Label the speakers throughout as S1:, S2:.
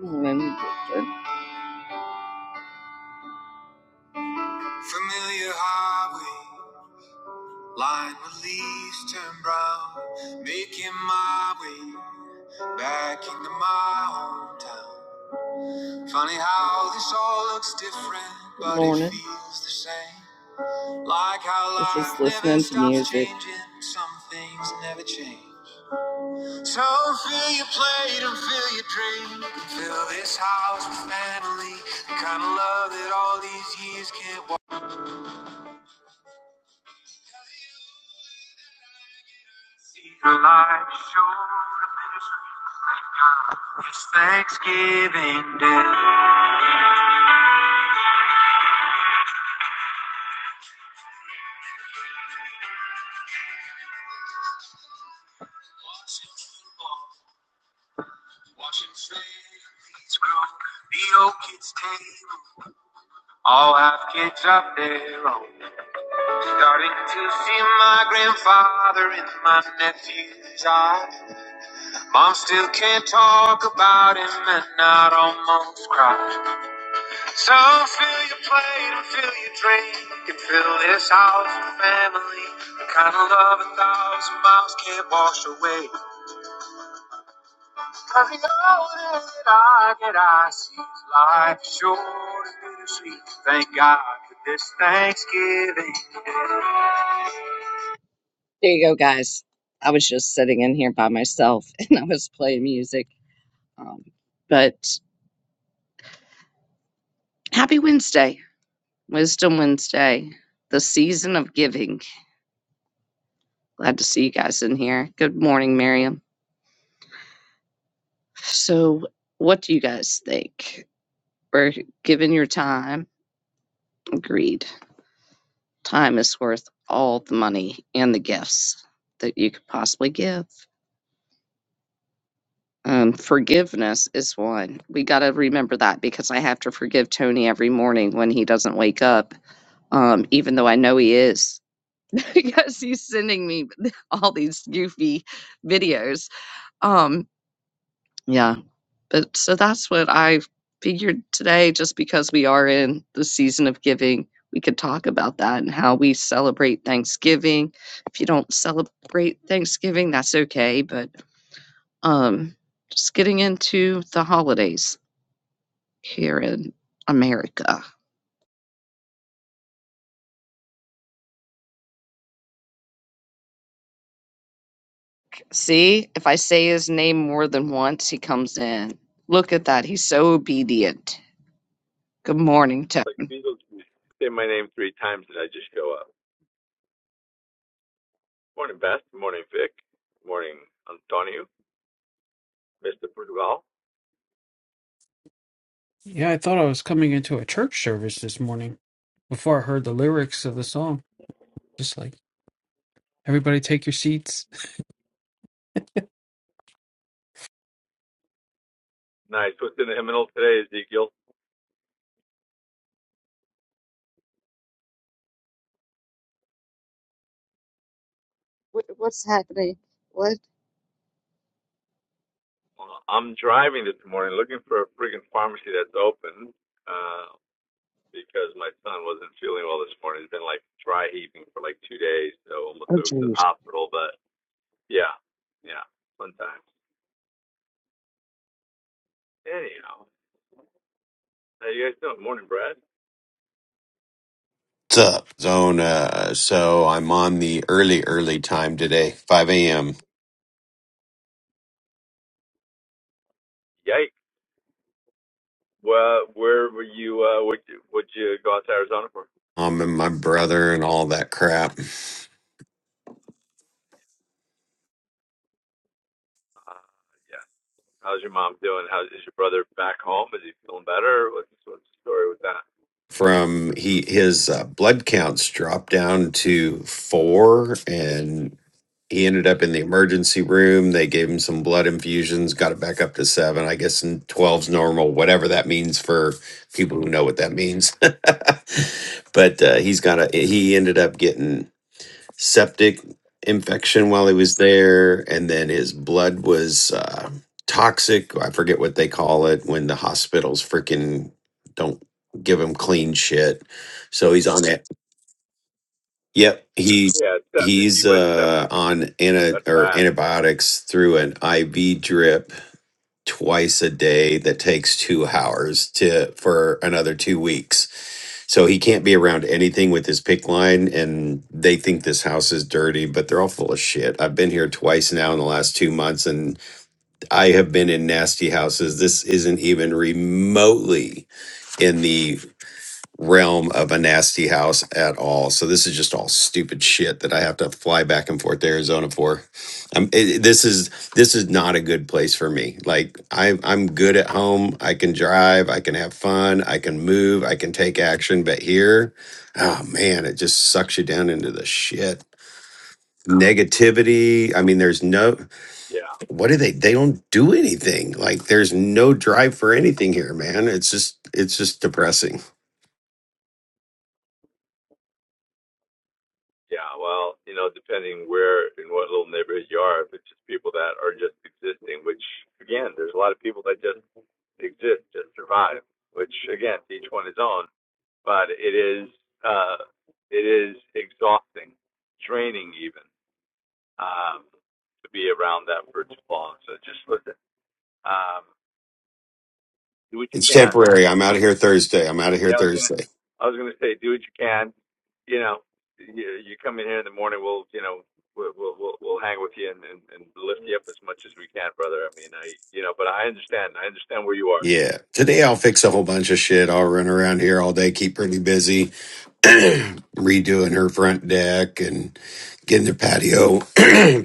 S1: Maybe Familiar highway, line with leaves turn brown. Making my way back into my hometown. Funny how this all looks different, but Morning. it feels the same. Like how life just never listening never to music. changing, some things never change. So fill your plate and fill your drink. Fill this house with family, the kind of love that all these years can't Your light showed up in It's Thanksgiving Day. Watching flames grow. The old kids' table. All have kids of their own. Starting to see my grandfather in my nephew's eyes. Mom still can't talk about him and I'd almost cry. So fill your plate and fill your drink and fill this house with family. The kind of love a thousand miles can't wash away. Cause the older that I get, I see life is short and bittersweet. Thank God for this Thanksgiving. There you go, guys. I was just sitting in here by myself and I was playing music. Um, but happy Wednesday, Wisdom Wednesday, the season of giving. Glad to see you guys in here. Good morning, Miriam. So, what do you guys think? We're giving your time. Agreed. Time is worth all the money and the gifts that you could possibly give. Um, forgiveness is one. We got to remember that because I have to forgive Tony every morning when he doesn't wake up, um, even though I know he is because he's sending me all these goofy videos. Um, yeah, But so that's what I figured today, just because we are in the season of giving, we could talk about that and how we celebrate Thanksgiving. If you don't celebrate Thanksgiving, that's okay. But um, just getting into the holidays here in America. See, if I say his name more than once, he comes in. Look at that. He's so obedient. Good morning,
S2: Like
S1: Tevin.
S2: Beatles say my name three times and I just show up. Morning, Beth. Morning, Vic. Morning, Antonio. Mr. Portugal.
S3: Yeah, I thought I was coming into a church service this morning before I heard the lyrics of the song. Just like, everybody take your seats.
S2: Nice. What's in the hymnal today, Ezekiel?
S1: What, what's happening? What?
S2: Uh, I'm driving this morning looking for a friggin' pharmacy that's open uh, because my son wasn't feeling well this morning. He's been like dry heaving for like two days, so almost took to the hospital. But yeah, yeah, fun times. Anyhow, how you guys doing? Morning, Brad.
S4: What's up, Zona? So I'm on the early, early time today, 5 a.m.
S2: Yikes. Well, where were you? Uh, would you would you go out to Arizona for?
S4: Um, and my brother and all that crap.
S2: Uh, yeah. How's your mom doing? How is your brother back home? Is he feeling better? What's what's the story with that?
S4: From he his uh, blood counts dropped down to four, and he ended up in the emergency room. They gave him some blood infusions, got it back up to seven. I guess and 12's normal, whatever that means for people who know what that means. but uh, he's got a he ended up getting septic infection while he was there, and then his blood was uh, toxic. I forget what they call it when the hospitals freaking don't give him clean shit. So he's on it. Yep, he
S2: Yeah, it's septic. He
S4: he's
S2: went
S4: uh,
S2: septic.
S4: on anti
S2: That's
S4: or
S2: bad.
S4: antibiotics through an IV drip twice a day that takes two hours to for another two weeks. So he can't be around anything with his pick line, and they think this house is dirty, but they're all full of shit. I've been here twice now in the last two months, and I have been in nasty houses. This isn't even remotely in the realm of a nasty house at all. So this is just all stupid shit that I have to fly back and forth to Arizona for. Um, it, this is this is not a good place for me. Like I, I'm good at home. I can drive. I can have fun. I can move. I can take action. But here, oh man, it just sucks you down into the shit. Negativity. I mean, there's no.
S2: Yeah.
S4: What do they? They don't do anything. Like there's no drive for anything here, man. It's just it's just depressing.
S2: Yeah. Well, you know, depending where in what little neighborhood you are, if it's just people that are just existing, which again, there's a lot of people that just exist, just survive, which again, each one his own. But it is uh it is exhausting, draining even, um, to be around that for too long. So just listen Um, do what you
S4: It's
S2: can.
S4: temporary. I'm out of here Thursday. I'm out of here
S2: Yeah, I was gonna,
S4: Thursday.
S2: I was gonna say, do what you can. You know, you, you come in here in the morning, we'll, you know, we'll, we'll, we'll, we'll hang with you and, and, and lift you up as much as we can, brother. I mean, I, you know, but I understand, I understand where you are.
S4: Yeah. Today I'll fix a whole bunch of shit. I'll run around here all day, keep pretty busy, redoing her front deck and getting the patio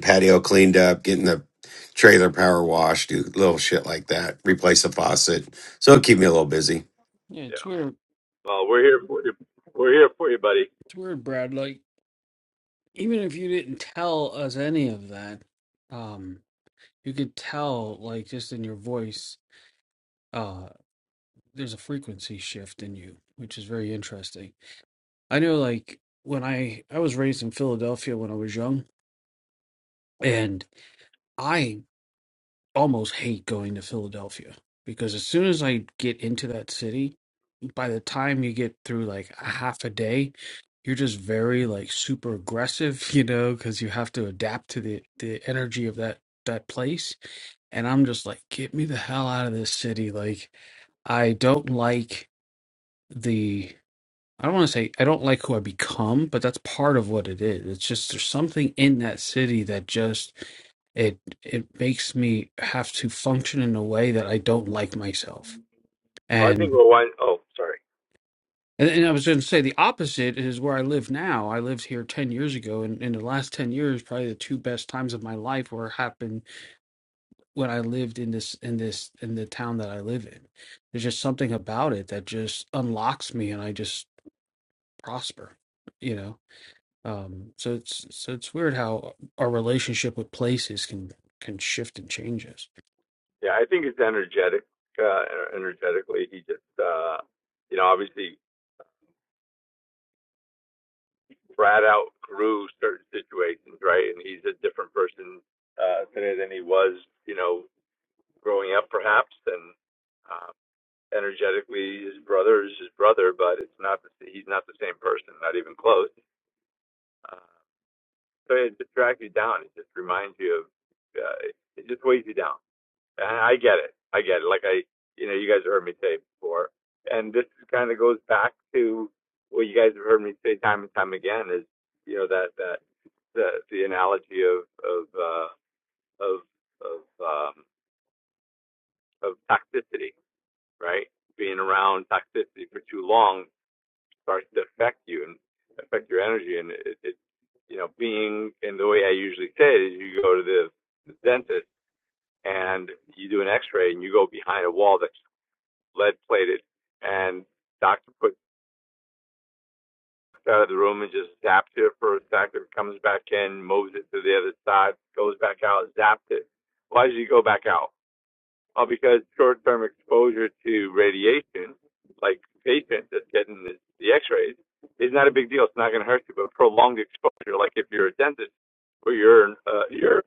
S4: patio cleaned up, getting the trailer power washed, do little shit like that, replace the faucet. So it'll keep me a little busy.
S3: Yeah,
S2: Yeah.
S3: it's weird.
S2: Well, we're here for you. We're here for you, buddy.
S3: It's weird, Brad. Like, even if you didn't tell us any of that, um, you could tell, like, just in your voice, uh, there's a frequency shift in you, which is very interesting. I know, like, when I I was raised in Philadelphia when I was young, and I almost hate going to Philadelphia because as soon as I get into that city, by the time you get through like a half a day, you're just very like super aggressive, you know, because you have to adapt to the the energy of that that place. And I'm just like, get me the hell out of this city. Like I don't like the I don't want to say I don't like who I become, but that's part of what it is. It's just there's something in that city that just it it makes me have to function in a way that I don't like myself.
S2: Well, I think
S3: And
S2: we're wind. Oh, sorry.
S3: and, and I was going to say the opposite is where I live now. I lived here ten years ago, and in the last ten years, probably the two best times of my life were happened when I lived in this in this in the town that I live in. There's just something about it that just unlocks me, and I just prosper. You know Um, so it's so it's weird how our relationship with places can can shift and changes.
S2: Yeah, I think it's energetic. Uh, energetically, he just, uh, you know, obviously Brad outgrew certain situations, right? And he's a different person uh, today than he was, you know, growing up, perhaps. And uh, energetically, his brother is his brother, but it's not. The, he's not the same person, not even close. Uh, so it just drags you down. It just reminds you of. Uh, it just weighs you down. I get it. I get it. Like I, you know, you guys have heard me say before, and this kind of goes back to what you guys have heard me say time and time again is, you know, that that the the analogy of of uh, of of um, of toxicity, right? Being around toxicity for too long starts to affect you and affect your energy, and it, it you know, being and the way I usually say it is, you go to the, the dentist and you do an X-ray and you go behind a wall that's lead plated. And doctor puts it out of the room and just zapped it for a second, comes back in, moves it to the other side, goes back out, zapped it. Why did you go back out? Well, because short term exposure to radiation, like patient that's getting the, the x rays, is not a big deal. It's not going to hurt you, but prolonged exposure, like if you're a dentist or you're, uh, you're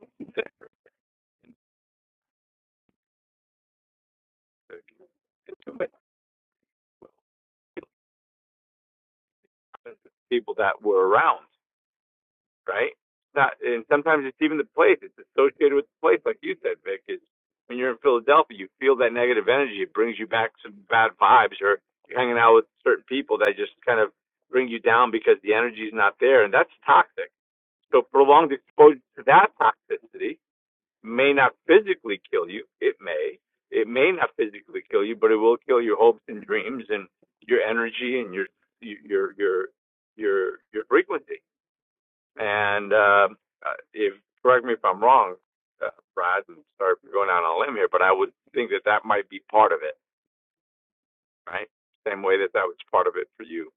S2: people that were around. right? Not, and sometimes it's even the place. It's associated with the place, like you said, Vic. Is when you're in Philadelphia, you feel that negative energy. It brings you back some bad vibes, or you're hanging out with certain people that just kind of bring you down because the energy is not there, and that's toxic. So prolonged exposure to that toxicity may not physically kill you. It may. It may not physically kill you, but it will kill your hopes and dreams and your energy and your your your your your frequency. And uh, uh, if correct me if I'm wrong, uh, Brad, and sorry for going out on a limb here, but I would think that that might be part of it, right? Same way that that was part of it for you.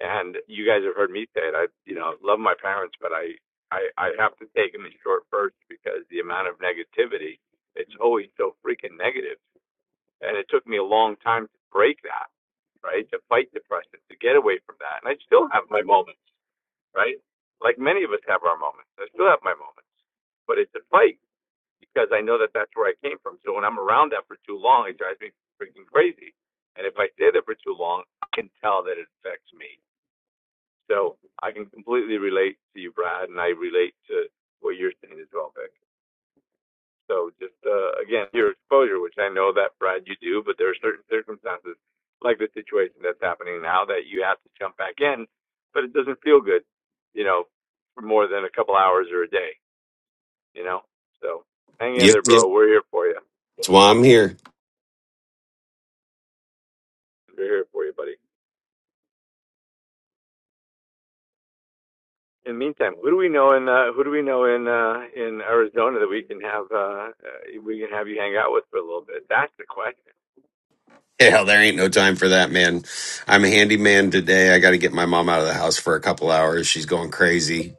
S2: And you guys have heard me say it. I, you know, love my parents, but I, I, I have to take them in short first because the amount of negativity, it's always so freaking negative. And it took me a long time to break that, right? To fight depression, to get away from that. And I still have my moments right? Like many of us have our moments. I still have my moments, but it's a fight because I know that that's where I came from. So when I'm around that for too long, it drives me freaking crazy. And if I stay there for too long, I can tell that it affects me. So I can completely relate to you, Brad, and I relate to what you're saying as well, Vic. So just uh, again, your exposure, which I know that Brad you do, but there are certain circumstances like the situation that's happening now that you have to jump back in, but it doesn't feel good, you know, for more than a couple hours or a day, you know. So hang in
S4: Yep,
S2: there,
S4: yep.
S2: bro. We're here for you.
S4: That's why I'm here.
S2: We're here for you, buddy. In the meantime, who do we know in uh, who do we know in uh, in Arizona that we can have uh, uh, we can have you hang out with for a little bit? That's the question.
S4: Hell, there ain't no time for that, man. I'm a handyman today. I got to get my mom out of the house for a couple hours. She's going crazy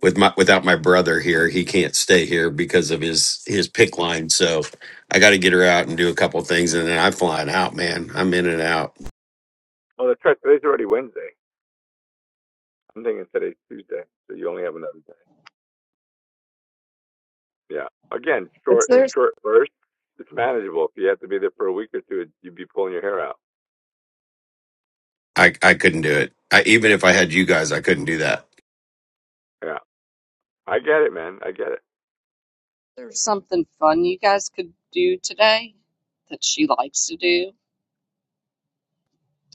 S4: with my without my brother here. He can't stay here because of his his pick line. So I got to get her out and do a couple things, and then I'm flying out, man. I'm in and out.
S2: Oh, that's right. Today's already Wednesday. I'm thinking today's Tuesday, so you only have another day. Yeah. Again,
S1: Is
S2: short and
S1: there,
S2: short bursts. It's manageable. If you have to be there for a week or two, you'd be pulling your hair out.
S4: I I couldn't do it. I, even if I had you guys, I couldn't do that.
S2: Yeah. I get it, man. I get it.
S1: there's something fun you guys could do today that she likes to do?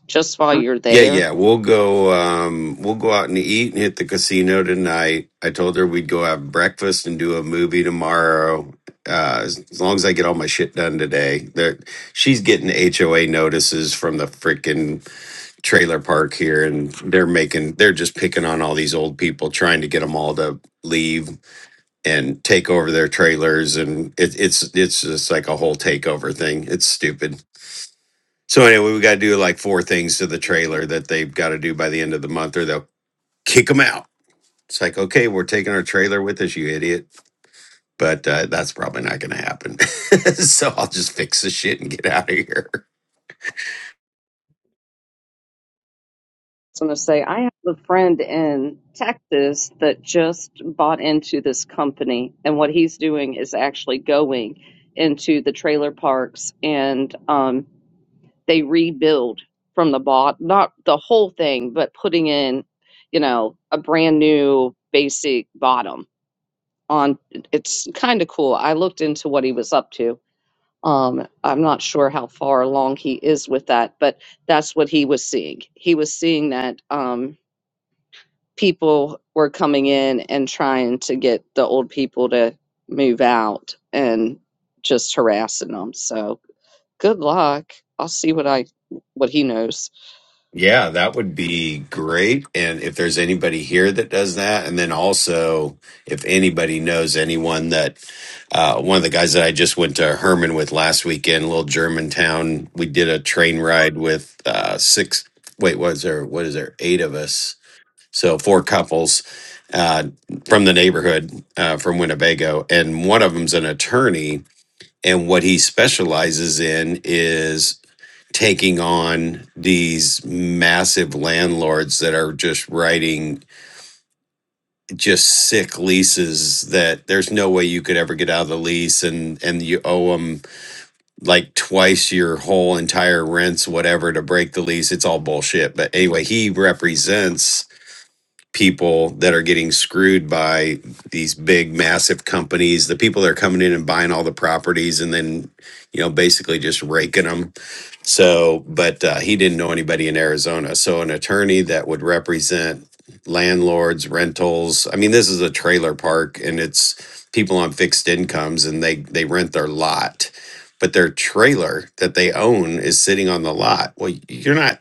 S1: just while you're
S4: Yeah,
S1: there?
S4: yeah. We'll go um we'll go out and eat and hit the casino tonight. I told her we'd go have breakfast and do a movie tomorrow. Uh as, as long as I get all my shit done today. There she's getting HOA notices from the freaking trailer park here and they're making they're just picking on all these old people trying to get them all to leave and take over their trailers and it, it's it's just like a whole takeover thing. It's stupid. So anyway, we got to do like four things to the trailer that they've got to do by the end of the month, or they'll kick them out. It's like, okay, we're taking our trailer with us, you idiot. But uh, that's probably not going to happen. so I'll just fix the shit and get out of here.
S1: So I'm going to say, I have a friend in Texas that just bought into this company, and what he's doing is actually going into the trailer parks and um, they rebuild from the bot not the whole thing but putting in you know a brand new basic bottom on it's kind of cool i looked into what he was up to um i'm not sure how far along he is with that but that's what he was seeing he was seeing that um people were coming in and trying to get the old people to move out and just harassing them so good luck i'll see what i what he knows
S4: Yeah, that would be great. And if there's anybody here that does that, and then also if anybody knows anyone that uh, one of the guys that I just went to Herman with last weekend, a little Germantown, we did a train ride with uh, six. Wait, was there? What is there? Eight of us, so four couples uh, from the neighborhood uh, from Winnebago, and one of them's an attorney. And what he specializes in is taking on these massive landlords that are just writing just sick leases that there's no way you could ever get out of the lease and and you owe them like twice your whole entire rents whatever to break the lease it's all bullshit but anyway he represents people that are getting screwed by these big massive companies the people that are coming in and buying all the properties and then you know basically just raking them so, but uh, he didn't know anybody in Arizona. So, an attorney that would represent landlords, rentals. I mean, this is a trailer park, and it's people on fixed incomes, and they they rent their lot, but their trailer that they own is sitting on the lot. Well, you're not.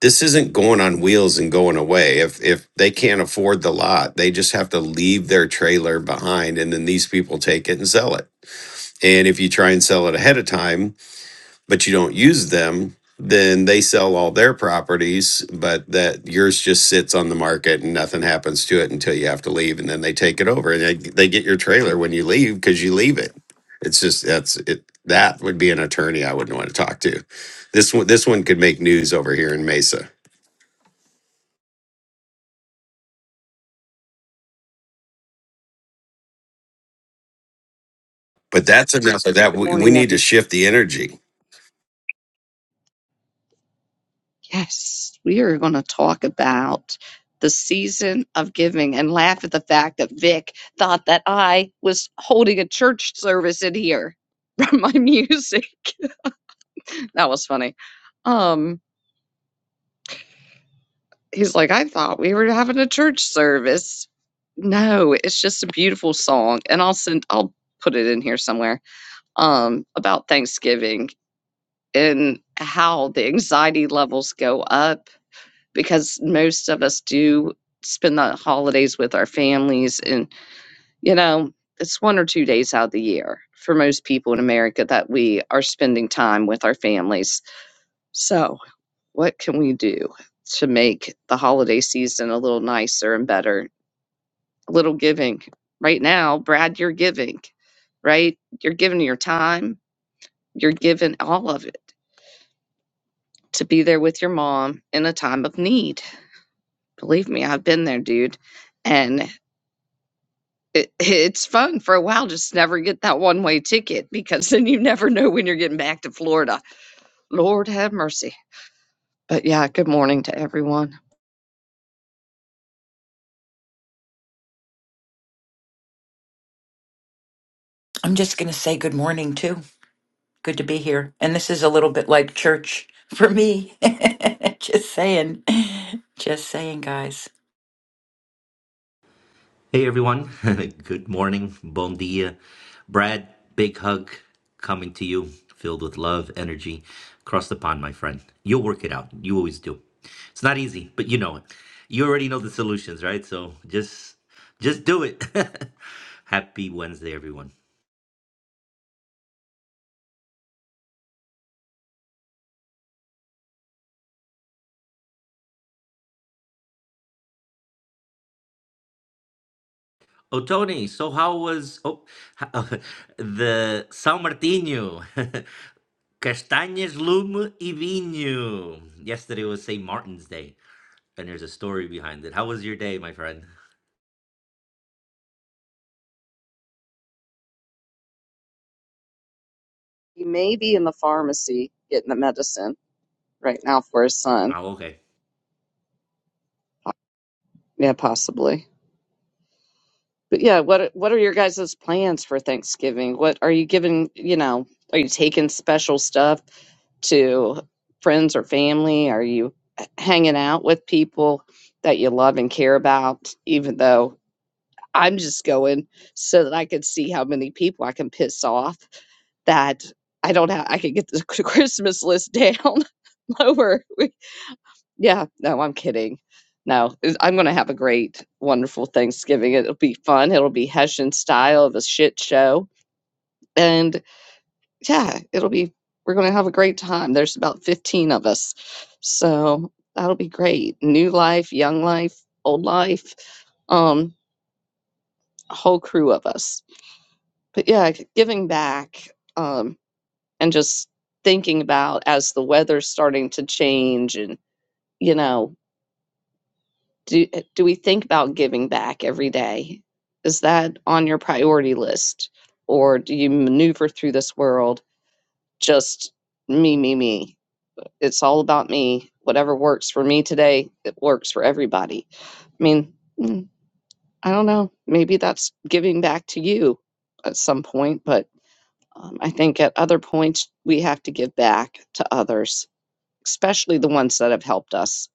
S4: This isn't going on wheels and going away. If if they can't afford the lot, they just have to leave their trailer behind, and then these people take it and sell it. And if you try and sell it ahead of time, but you don't use them, then they sell all their properties, but that yours just sits on the market and nothing happens to it until you have to leave, and then they take it over and they, they get your trailer when you leave because you leave it. It's just that's it. That would be an attorney I wouldn't want to talk to. This one, this one could make news over here in Mesa. But that's enough of that.
S1: Good
S4: We, we
S1: morning,
S4: need
S1: everybody.
S4: to shift the energy.
S1: Yes, we are going to talk about the season of giving and laugh at the fact that Vic thought that I was holding a church service in here from my music. that was funny. Um, he's like, I thought we were having a church service. No, it's just a beautiful song, and I'll send. I'll put it in here somewhere. Um, about Thanksgiving and how the anxiety levels go up because most of us do spend the holidays with our families and you know it's one or two days out of the year for most people in america that we are spending time with our families so what can we do to make the holiday season a little nicer and better a little giving right now brad you're giving right you're giving your time you're giving all of it to be there with your mom in a time of need believe me i've been there dude and it, it's fun for a while. Just never get that one way ticket because then you never know when you're getting back to Florida. Lord have mercy. But yeah, good morning to everyone.
S5: I'm just going to say good morning, too. Good to be here. And this is a little bit like church for me. just saying. Just saying, guys.
S6: Hey everyone, good morning, bon dia. Brad, big hug coming to you, filled with love, energy. Across the pond, my friend. You'll work it out. You always do. It's not easy, but you know it. You already know the solutions, right? So just just do it. Happy Wednesday, everyone. Oh, Tony, so how was oh, the São Martinho? Castanhas, lume e vinho. Yesterday was St. Martin's Day, and there's a story behind it. How was your day, my friend?
S1: He may be in the pharmacy getting the medicine right now for his son.
S6: Oh, okay.
S1: Yeah, possibly. But yeah, what what are your guys' plans for Thanksgiving? What are you giving, you know, are you taking special stuff to friends or family? Are you hanging out with people that you love and care about, even though I'm just going so that I could see how many people I can piss off that I don't have I could get the Christmas list down lower. Yeah, no, I'm kidding. No, it- I'm going to have a great, wonderful Thanksgiving. It'll be fun. It'll be Hessian style of a shit show. And yeah, it'll be, we're going to have a great time. There's about 15 of us. So that'll be great. New life, young life, old life, um, a whole crew of us. But yeah, g- giving back um, and just thinking about as the weather's starting to change and, you know, do eh, do we think about giving back every day? Is that on your priority list, or do you maneuver through this world just me, me, me? It's all about me. Whatever works for me today, it works for everybody. I mean, mm, I don't know. Maybe that's giving back to you at some point, but um, I think at other points we have to give back to others especially the ones that have helped us.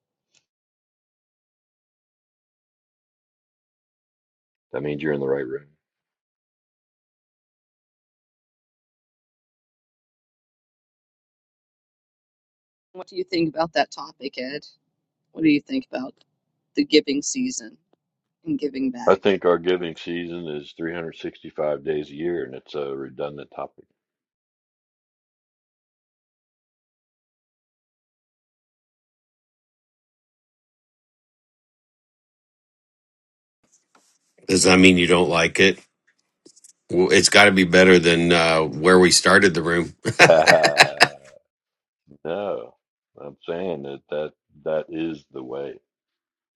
S7: That means you're in the right room.
S1: What do you think about that topic, Ed? What do you think about the giving season and giving
S7: I
S1: back?
S7: think our giving season is 365 days a year, and it's a redundant topic.
S4: Does that mean you don't like it? Well, it's got to be better than uh, where we started the room.
S7: no, I'm saying that, that that is the way.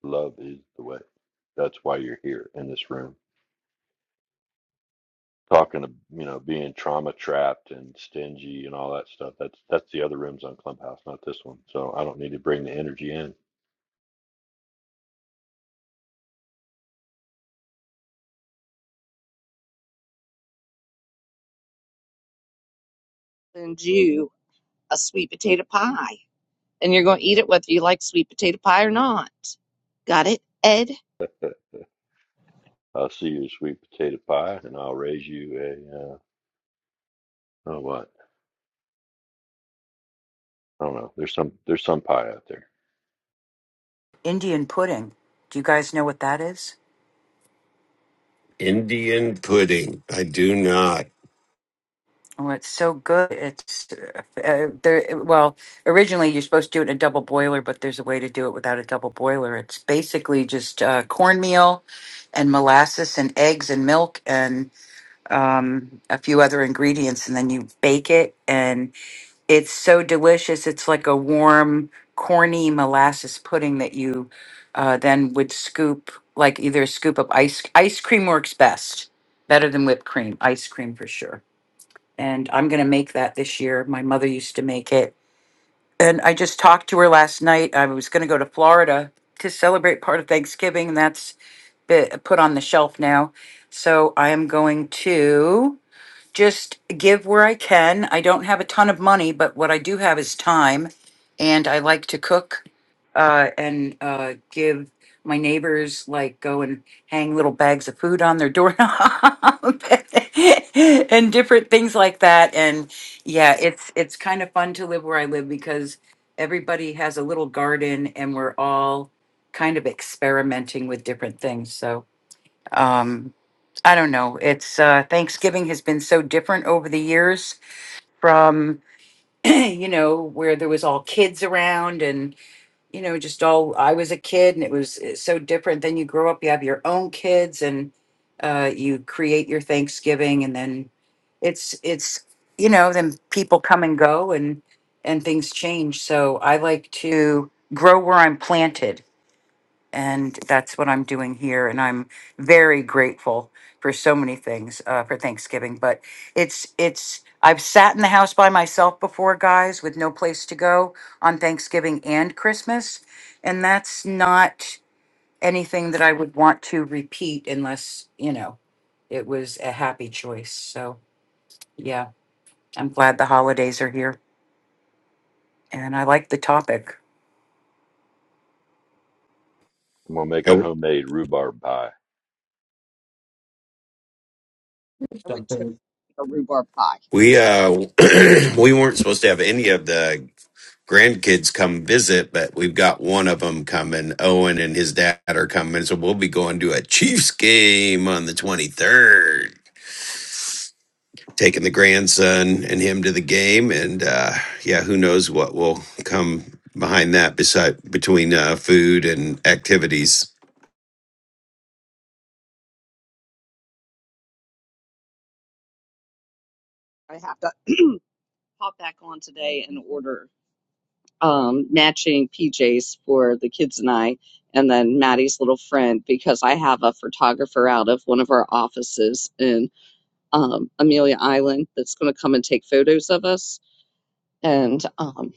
S7: Love is the way. That's why you're here in this room talking to you know being trauma trapped and stingy and all that stuff. That's that's the other rooms on Clubhouse, not this one. So I don't need to bring the energy in.
S1: Send you a sweet potato pie, and you're going to eat it whether you like sweet potato pie or not. Got it, Ed?
S7: I'll see you a sweet potato pie, and I'll raise you a uh, oh what I don't know. There's some there's some pie out there.
S5: Indian pudding. Do you guys know what that is?
S4: Indian pudding. I do not.
S5: Oh, it's so good. It's uh, uh, there. Well, originally you're supposed to do it in a double boiler, but there's a way to do it without a double boiler. It's basically just uh, cornmeal and molasses and eggs and milk and um, a few other ingredients, and then you bake it. It's so delicious. It's like a warm, corny molasses pudding that you uh, then would scoop, like either a scoop of ice ice cream works best, better than whipped cream. Ice cream for sure. And I'm gonna make that this year. My mother used to make it, and I just talked to her last night. I was gonna go to Florida to celebrate part of Thanksgiving, and that's been put on the shelf now. So I am going to just give where I can. I don't have a ton of money, but what I do have is time. And I like to cook uh, and uh, give my neighbors, like, go and hang little bags of food on their doorknob and different things like that. And yeah, it's it's kind of fun to live where I live because everybody has a little garden and we're all kind of experimenting with different things. So um, I don't know. It's uh, Thanksgiving has been so different over the years from, you know, where there was all kids around and, you know, just all I was a kid and it was uh, so different. Then you grow up, you have your own kids and uh, you create your Thanksgiving and then it's, it's, you know, then people come and go and, and things change. So I like to grow where I'm planted and that's what I'm doing here. And I'm very grateful for so many things uh, for Thanksgiving. But it's, it's, I've sat in the house by myself before, guys, with no place to go on Thanksgiving and Christmas. And that's not anything that I would want to repeat unless, you know, it was a happy choice. So, yeah, I'm glad the holidays are here. And I like the topic.
S7: I'm gonna make a homemade rhubarb pie
S1: I would totally
S3: Something.
S1: eat a rhubarb pie.
S4: We uh we weren't supposed to have any of the grandkids come visit, but we've got one of them coming. Owen and his dad are coming, so we'll be going to a Chiefs game on the 23rd. Taking the grandson and him to the game and uh yeah, who knows what will come behind that beside between uh food and activities.
S1: I have to hop back on today and order um, matching PJs for the kids and I, and then Maddie's little friend, because I have a photographer out of one of our offices in um, Amelia Island that's going to come and take photos of us. And um,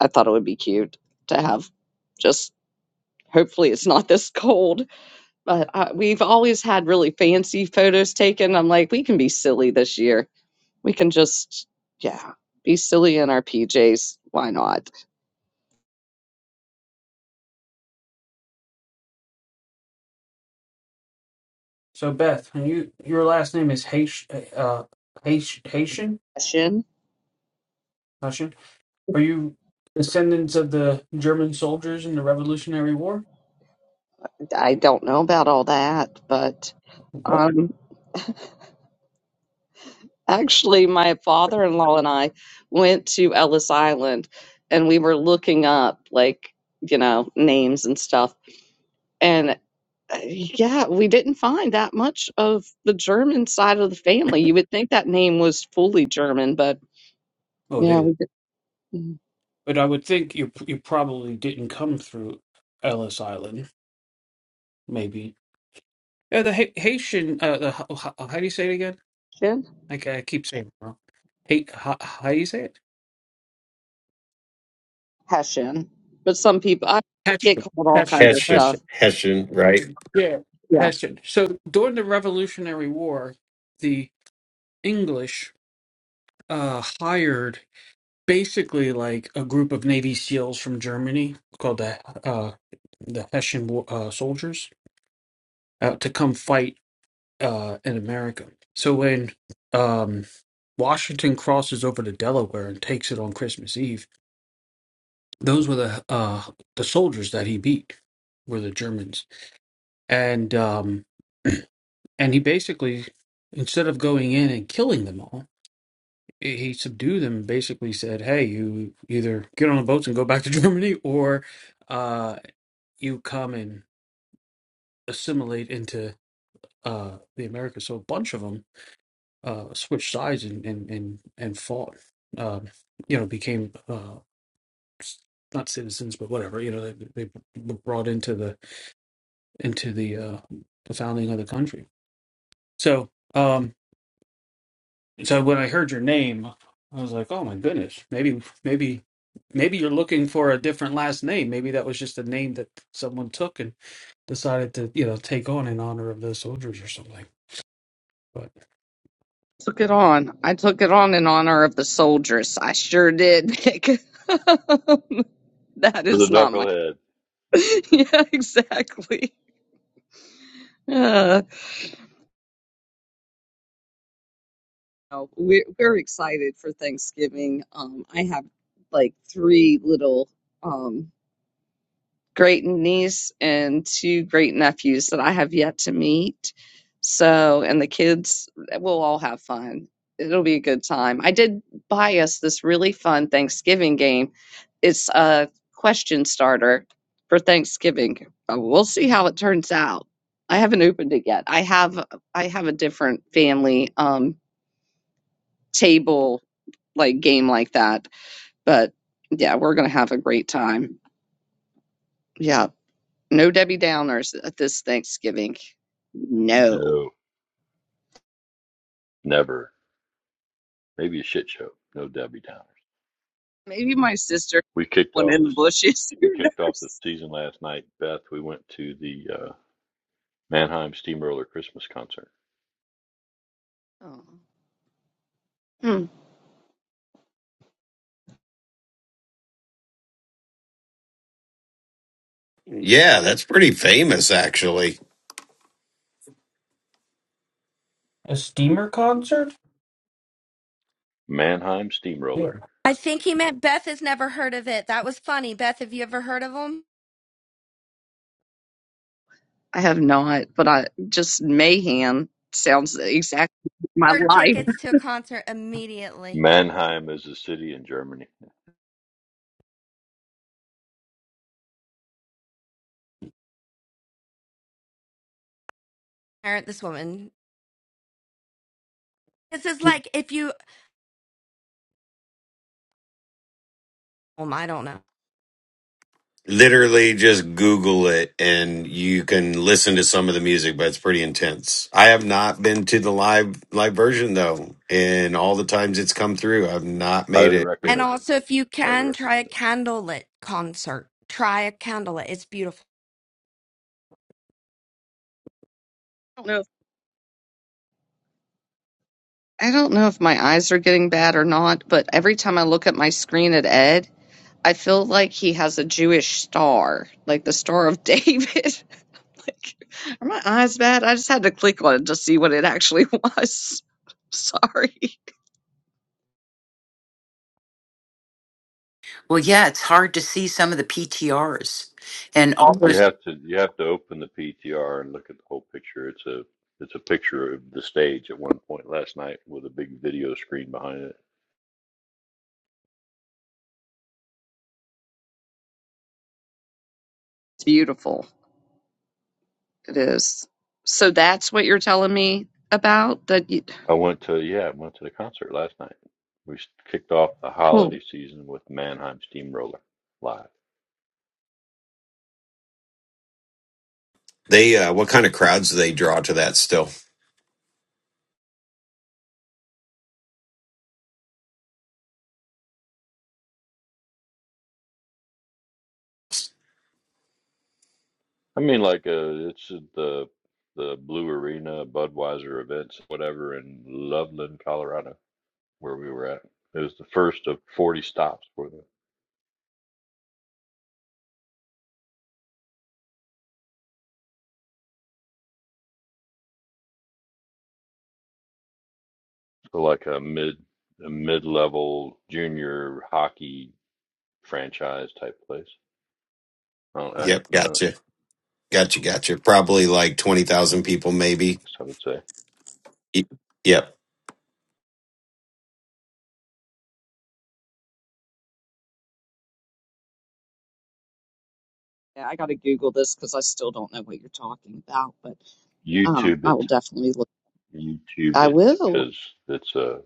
S1: I thought it would be cute to have just hopefully it's not this cold but uh, we've always had really fancy photos taken i'm like we can be silly this year We can just, yeah, be silly in our PJs. Why not?
S3: So Beth, and you your last name is Haitian, uh, Haitian, Haitian,
S1: Fashion.
S3: Haitian. Are you descendants of the German soldiers in the Revolutionary War?
S1: I don't know about all that, but
S3: What?
S1: um, actually, my father in law and I went to Ellis Island and we were looking up, like, you know, names and stuff. and. Uh, yeah, we didn't find that much of the German side of the family. You would think that name was fully German, but
S3: Oh, it
S1: yeah,
S3: is.
S1: we did.
S3: But I would think you you probably didn't come through Ellis Island, maybe. Yeah, the Ha- Haitian. Uh, the, how, how do you say it again?
S1: Hessian.
S3: Like I keep saying it wrong. Hate. How, how do you say it?
S1: Hessian. But some people, I get
S3: Hessian,
S1: called all kinds
S3: Hessian,
S1: of
S4: Hessian,
S3: Hessian.
S1: stuff.
S4: Hessian, right?
S3: Yeah,
S1: Yeah,
S3: Hessian. So during the Revolutionary War, the English uh, hired basically like a group of Navy SEALs from Germany called the uh, the Hessian Wa- uh, soldiers uh, to come fight uh, in America. So when um, Washington crosses over to Delaware and takes it on Christmas Eve, those were the uh, the soldiers that he beat were the Germans, and um, and he basically instead of going in and killing them all he he subdued them and basically said hey you either get on the boats and go back to germany or uh, you come and assimilate into uh, the americas so a bunch of them uh, switched sides and and and, and fought um, you know became uh, s- not citizens but whatever you know they, they were brought into the into the uh, the founding of the country so Um, so when I heard your name, I was like, oh my goodness, maybe, maybe, maybe you're looking for a different last name. Maybe that was just a name that someone took and decided to, you know, take on in honor of those soldiers or something. But
S1: took it on. I took it on in honor of the soldiers. I sure did, Nick. that
S7: for the
S1: is not my.
S7: knucklehead.
S1: yeah, exactly. Uh, no, we're we're excited for Thanksgiving. Um, I have like three little. um great niece and two great nephews that I have yet to meet. So, and the kids, we'll all have fun. It'll be a good time. I did buy us this really fun Thanksgiving game. It's a question starter for Thanksgiving. Uh, We'll see how it turns out. I haven't opened it yet. I have I have a different family um table like game like that, but yeah, we're going to have a great time. Yeah. No Debbie Downers at this Thanksgiving. No.
S7: No, never. Maybe a shit show. No Debbie Downers.
S1: Maybe my sister
S7: We kicked
S1: went
S7: off
S1: in the
S7: this.
S1: bushes.
S7: We
S1: Who
S7: kicked off the
S1: knows?
S7: season last night, Beth. We went to the uh, Mannheim Steamroller Christmas concert.
S1: Oh. Hmm.
S4: Yeah, that's pretty famous actually.
S3: A steamer concert?
S7: Mannheim
S3: Yeah.
S7: Steamroller.
S8: I think he meant Beth has never heard of it. That was funny. Beth, have you ever heard of them?
S1: I have not, but I just mayhem sounds exactly my
S8: For
S1: life. I
S8: tickets to a concert immediately.
S7: Mannheim is a city in Germany.
S8: Parent this woman. This is like if you, um, I don't know.
S4: literally just Google it and you can listen to some of the music, but it's pretty intense. I have not been to the live live version though, and all the times it's come through, I've not made
S7: Highly
S4: it.
S8: And
S7: recommended.
S8: also, if you
S7: Highly
S8: can try a
S7: recommended.
S8: candlelit concert, try a candlelit. It's beautiful.
S1: don't know. If, I don't know if my eyes are getting bad or not, but every time I look at my screen at Ed, I feel like he has a Jewish star, like the Star of David. like, are my eyes bad? I just had to click on it to see what it actually was. Sorry.
S5: Well, yeah, it's hard to see some of the PTRs and all Mhm.
S7: You
S5: those
S7: have to you have to open the PTR and look at the whole picture. It's a it's a picture of the stage at one point last night with a big video screen behind it
S1: It's beautiful. It is. So that's what you're telling me about that you
S7: I went to yeah, I went to the concert last night. We s- kicked off the
S1: cool.
S7: holiday season with Mannheim Steamroller live.
S4: They uh, what kind of crowds do they draw to that still?
S7: I mean, like uh, it's the the Blue Arena Budweiser events, whatever, in Loveland, Colorado, where we were at. It was the first of forty stops for them. for like a mid a mid level junior hockey franchise type place. I don't, I, I don't
S4: Yep,
S7: know what
S4: gotcha, gotcha, gotcha. Probably like twenty thousand people, maybe.
S7: I would say.
S4: Y- Yep.
S1: Yeah, I gotta Google this because I still don't know what you're talking about, but um
S7: YouTube
S1: I
S7: it,
S1: will definitely look
S7: YouTube
S1: I
S7: it,
S1: will.
S7: because it's uh,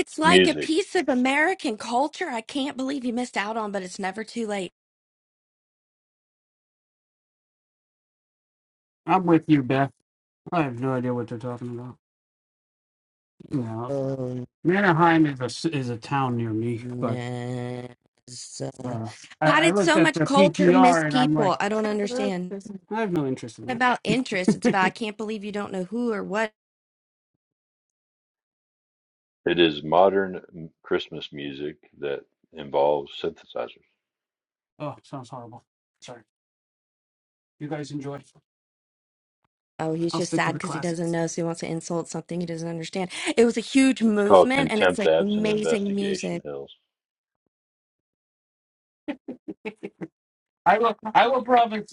S7: it's
S8: like a
S7: music
S8: piece of American culture. I can't believe you missed out on, but it's never too late.
S3: I'm with you, Beth. I have no idea what they're talking about. You know,
S8: Oh,
S3: Mannerheim is a s- is a town near me, but
S8: no. So-
S3: uh, I,
S8: How
S3: I
S8: did
S3: looked
S8: so
S3: at the
S8: much culture miss
S3: PTR and I'm
S8: people?
S3: like,
S8: I don't understand.
S3: I have no interest in
S8: about interest. It's about I
S3: that.
S8: can't believe you don't know who or what.
S7: It is modern Christmas music that involves synthesizers.
S3: oh, sounds horrible. Sorry. You guys enjoy.
S8: Oh, he's
S3: I'll
S8: just
S3: stick to
S8: sad
S3: the
S8: because he doesn't
S3: classics.
S8: know, so he wants to insult something he doesn't understand. It was a huge
S7: It's called
S8: movement, and it's
S7: Contempt
S8: like
S7: Absent
S8: amazing
S7: Investigation
S8: music.
S7: Hills.
S3: I will. I will promise.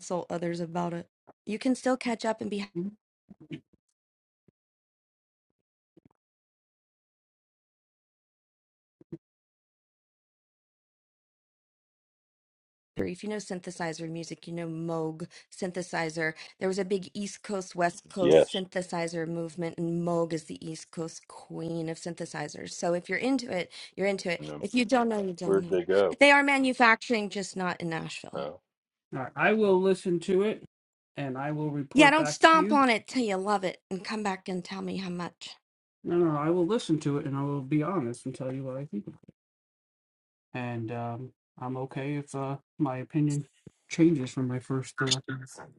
S8: Insult others about it. You can still catch up and be
S3: Mhm.
S8: hungry. If you know synthesizer music, you know Moog synthesizer. There was a big East Coast, West Coast
S7: Yes.
S8: synthesizer movement, and Moog is the East Coast queen of synthesizers. So if you're into it, you're into it.
S7: um,
S8: If you don't know, you don't
S7: Where'd
S8: know.
S7: they go?
S8: They are manufacturing, just not in Nashville.
S7: Uh,
S3: All right, I will listen to it, and I will
S8: Yeah,
S3: report
S8: don't
S3: back to
S8: stomp
S3: you.
S8: on it till you love it and come back and tell me how much.
S3: No, no, I will listen to it, and I will be honest and tell you what I think. And um, I'm okay if uh, my opinion changes from my first uh,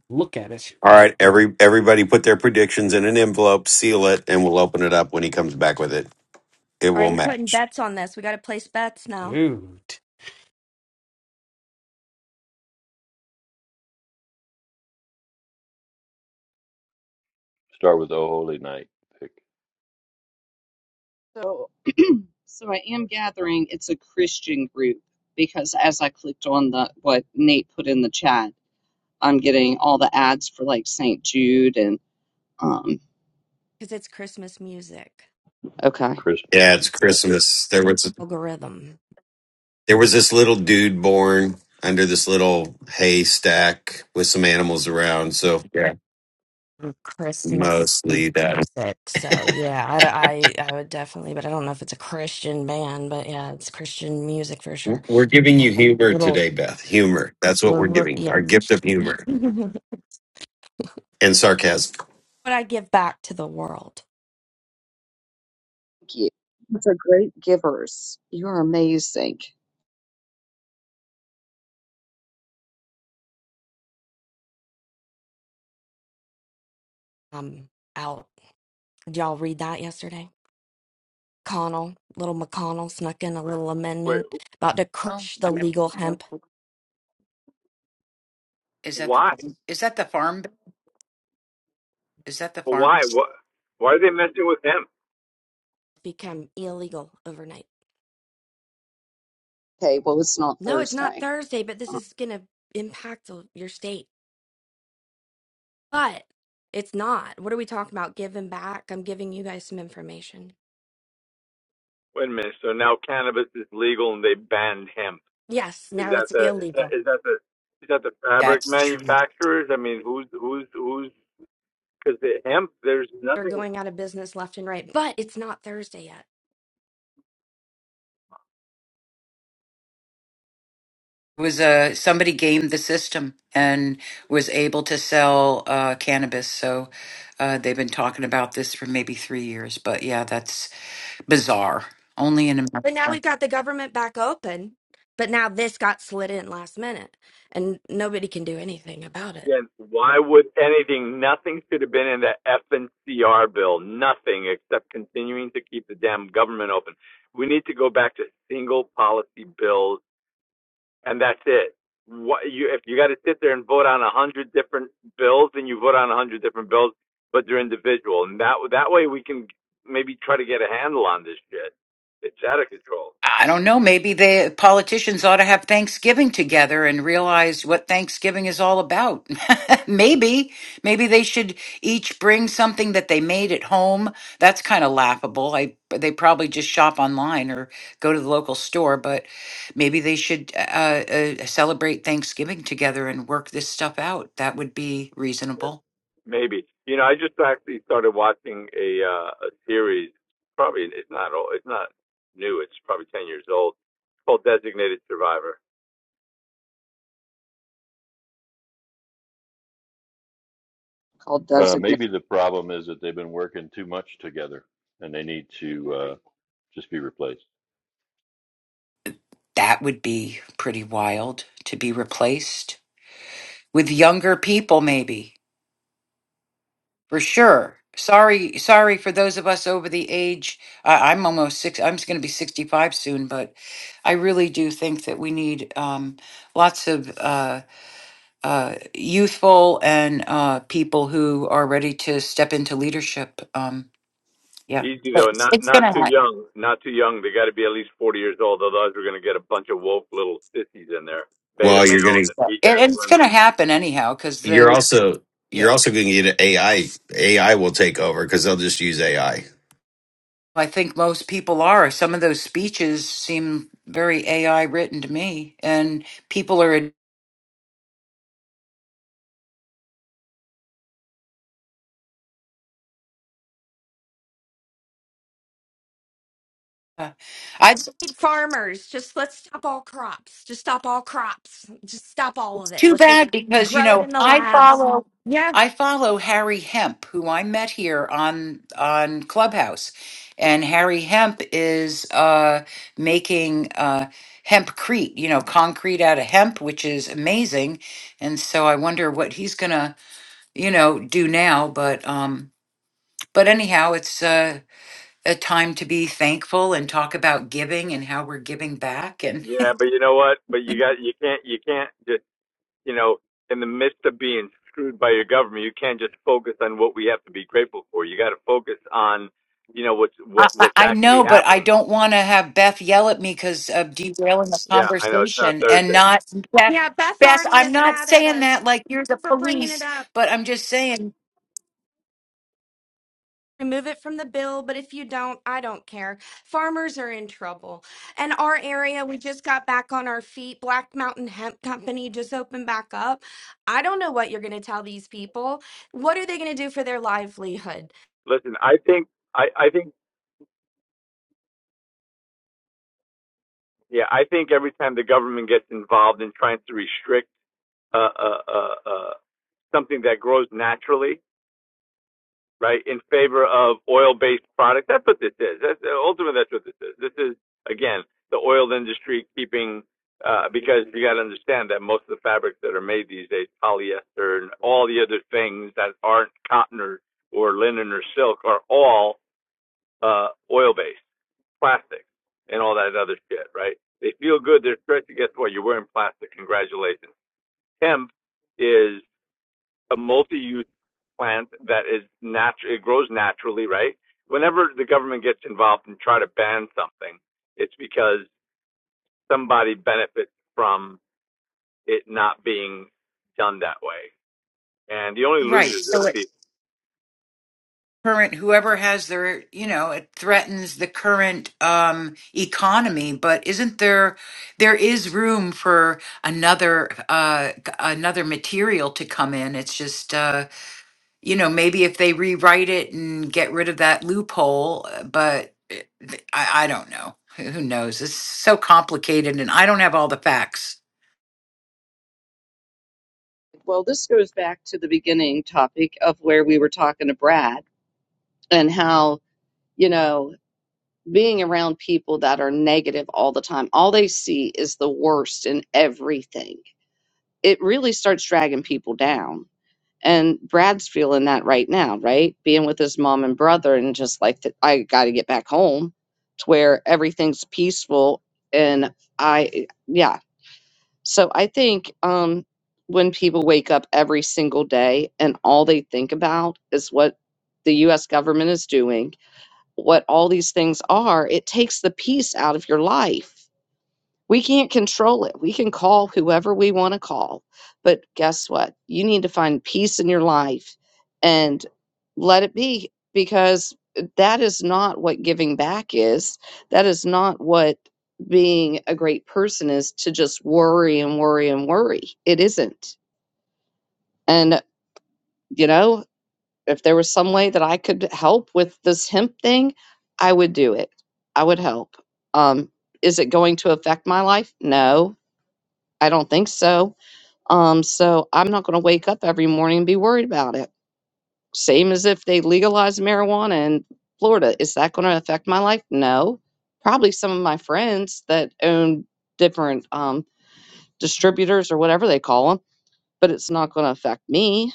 S3: look at it.
S4: All right, every everybody put their predictions in an envelope, seal it, and we'll open it up when he comes back with it. It
S8: All right,
S4: will
S8: we're putting
S4: match.
S8: bets on this. We got to place bets now
S3: Dude.
S7: start with Oh Holy Night. Pick
S1: So so I am gathering it's a Christian group because as I clicked on the what Nate put in the chat, I'm getting all the ads for like St. Jude and um
S8: because it's Christmas music
S1: okay.
S7: Christmas
S4: Yeah, it's
S7: music. Yeah.
S4: Christmas. There was
S8: algorithm.
S4: There was this little dude born under this little haystack with some animals around. So yeah,
S8: Mm, Christmas
S4: mostly that.
S8: music. So, yeah, I, d- I- I would definitely, but I don't know if it's a Christian band, but yeah, it's Christian music for sure.
S4: We're giving
S8: Uh,
S4: you humor
S8: little,
S4: today, Beth. Humor. That's what
S8: little,
S4: we're
S8: little-
S4: giving. Our
S8: yeah.
S4: gift of humor
S8: what
S4: and sarcasm.
S8: I give back to the world.
S1: Thank you. Those are great givers. You are amazing.
S8: Um, out. Did y'all read that yesterday? McConnell, little McConnell snuck in a little
S2: Wait,
S8: amendment about to
S5: No,
S8: crush
S5: I
S8: the
S5: have
S8: legal
S5: no
S8: hemp
S5: clue. Is
S2: wh-
S5: that the
S2: why?
S5: farm? Is that the farm? bill? Is that the farm?
S2: Why?
S5: bill?
S2: What? Why are they messing with hemp?
S8: become illegal overnight.
S1: Okay, well it's not
S8: No, it's not
S1: Thursday.
S8: Thursday, but this
S1: Uh,
S8: is going to impact the- your state. But it's not. What are we talking about? Giving back? I'm giving you guys some information.
S2: Wait a minute. So now cannabis is legal and they banned hemp.
S8: Yes,
S2: Is
S8: now
S2: that
S8: it's
S2: the is that
S8: illegal.
S2: is that the is that the fabric
S5: That's true.
S2: manufacturers? I mean, who's who's who's because the hemp there's
S8: They're
S2: nothing
S8: going out of business left and right, but it's not Thursday yet.
S5: It was uh, somebody gamed the system and was able to sell uh, cannabis. So uh, they've been talking about this for maybe three years. But yeah, that's bizarre. Only in
S8: But now we've got the government back open, but now this got slid in last minute and nobody can do anything about it.
S2: Again, why would anything, nothing should have been in the FNCR bill, nothing except continuing to keep the damn government open. We need to go back to single policy bills, and that's it. What you, if you got to sit there and vote on a hundred different bills, then you vote on a hundred different bills, but they're individual, and that that way we can maybe try to get a handle on this shit. It's out of control.
S5: I don't know. Maybe the politicians ought to have Thanksgiving together and realize what Thanksgiving is all about. maybe, maybe they should each bring something that they made at home. That's kind of laughable. I they probably just shop online or go to the local store, but maybe they should uh, uh, uh, celebrate Thanksgiving together and work this stuff out. That would be reasonable.
S2: Maybe. You know, I just actually started watching a uh, a series. Probably it's not old. It's not new. It's probably ten years old. It's called Designated Survivor.
S1: called
S7: Uh,
S1: Designate.
S7: maybe the problem is that they've been working too much together and they need to uh, just be replaced.
S5: That would be pretty wild to be replaced with younger people, maybe For sure. Sorry, sorry for those of us over the age. I, I'm almost six. I'm going to be 65 soon, but I really do think that we need um, lots of uh, uh, youthful and uh, people who are ready to step into leadership. Um, yeah,
S2: Easy though, not not too young, not too young. They got to be at least forty years old. Otherwise, we're gonna get a bunch of woke little sissies in there, beta
S4: Well, you're
S2: males
S4: gonna.
S2: and
S5: Yeah.
S2: weak
S5: and,
S2: ass
S5: and it's going
S2: women.
S5: to happen anyhow because
S4: You're
S5: the
S4: also. You're
S5: yeah.
S4: also going to get AI. AI will take over because they'll just use AI.
S5: I think most people are. Some of those speeches seem very AI written to me, and people are. I
S8: need farmers. Just let's stop all crops. Just stop all crops. Just stop all of it.
S5: Too
S8: Let's just
S5: bad because you
S8: grow it
S5: know
S8: in the
S5: I
S8: labs.
S5: follow
S8: Yeah.
S5: I follow Harry Hemp, who I met here on on Clubhouse, and Harry Hemp is uh, making uh, hempcrete, you know, concrete out of hemp, which is amazing. And so I wonder what he's gonna you know do now. But um, but anyhow, it's uh, a time to be thankful and talk about giving and how we're giving back
S2: Yeah, but you know what? But you got you can't you can't just you know, in the midst of being screwed by your government, you can't just focus on what we have to be grateful for. You got to focus on, you know, what's
S5: I,
S2: what
S5: I
S2: what's
S5: I
S2: actually
S5: know, but I
S2: happening.
S5: don't want to have Beth yell at me because of derailing the
S2: Yeah, I know it's not
S5: conversation and
S2: Thursday.
S5: not Beth.
S8: Yeah. Beth
S5: Beth,
S8: already
S5: I'm
S8: is
S5: not
S8: mad at
S5: saying that
S8: us
S5: like you're the
S8: for bringing it
S5: police,
S8: up.
S5: but I'm just saying,
S8: Remove it from the bill, but if you don't, I don't care. Farmers are in trouble. And our area, we just got back on our feet. Black Mountain Hemp Company just opened back up. I don't know what you're going to tell these people. What are they going to do for their livelihood?
S2: Listen, I think I I think yeah, I think every time the government gets involved in trying to restrict uh uh uh, uh something that grows naturally, right, in favor of oil-based products. That's what this is. That's, ultimately, that's what this is. This is again the oil industry keeping uh, because you got to understand that most of the fabrics that are made these days, polyester and all the other things that aren't cotton or, or linen or silk, are all uh, oil-based, plastic, and all that other shit, right? They feel good, they're stretchy. Guess what? You're wearing plastic. Congratulations. Hemp is a multi-use plant that is natural, it grows naturally, right? Whenever the government gets involved and try to ban something, it's because somebody benefits from it not being done that way. And the only
S5: right?
S2: losers are
S5: So
S2: the
S5: it's
S2: people.
S5: current whoever has their, you know, it threatens the current um, economy. But isn't there there is room for another uh, g- another material to come in? It's just. Uh, you know, maybe if they rewrite it and get rid of that loophole, uh, but it- th- I, I don't know. Who who knows? It's so complicated and I don't have all the facts.
S1: Well, this goes back to the beginning topic of where we were talking to Brad and how, you know, being around people that are negative all the time, all they see is the worst in everything. It really starts dragging people down. And Brad's feeling that right now, right? Being with his mom and brother and just like that I got to get back home to where everything's peaceful and I yeah, so I think um, when people wake up every single day and all they think about is what the US government is doing, what all these things are, it takes the peace out of your life. We can't control it. We can call whoever we want to call. But guess what? You need to find peace in your life and let it be because uh, that is not what giving back is. That is not what being a great person is to just worry and worry and worry. It isn't. And, uh, you know, if there was some way that I could help with this hemp thing, I would do it. I would help. Um, is it going to affect my life? No I don't think so. Um, so I'm not going to wake up every morning and be worried about it. Same as if they legalize marijuana in Florida. Is that going to affect my life? No. Probably some of my friends that own different um, distributors or whatever they call them but it's not going to affect me.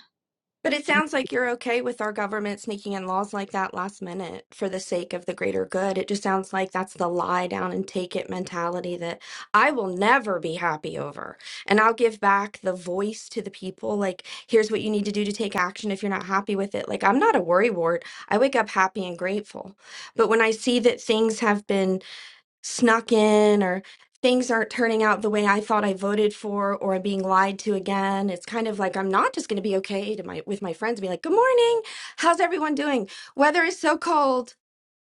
S8: But it sounds like you're okay with our government sneaking in laws like that last minute for the sake of the greater good. It just sounds like that's the lie down and take it mentality that I will never be happy over. And I'll give back the voice to the people. Like, here's what you need to do to take action if you're not happy with it. Like, I'm not a worrywart. I wake up happy and grateful. But when I see that things have been snuck in or things aren't turning out the way I thought I voted for or I'm being lied to again. It's kind of like I'm not just going to be okay to my with my friends and be like, "Good morning. How's everyone doing? Weather is so cold."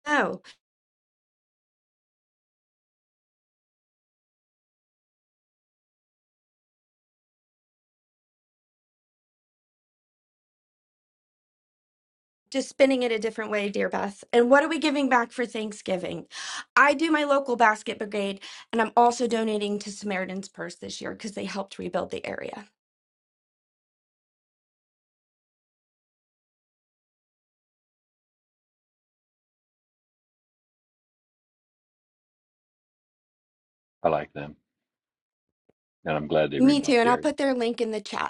S8: No, just spinning it a different way, dear Beth. And what are we giving back for Thanksgiving? I do my local basket brigade, and I'm also donating to Samaritan's Purse this year because they helped rebuild the area.
S7: I like them. And I'm glad they
S8: Me too,
S7: rebuilt
S8: and
S7: the
S8: I'll
S7: area
S8: put their link in the chat.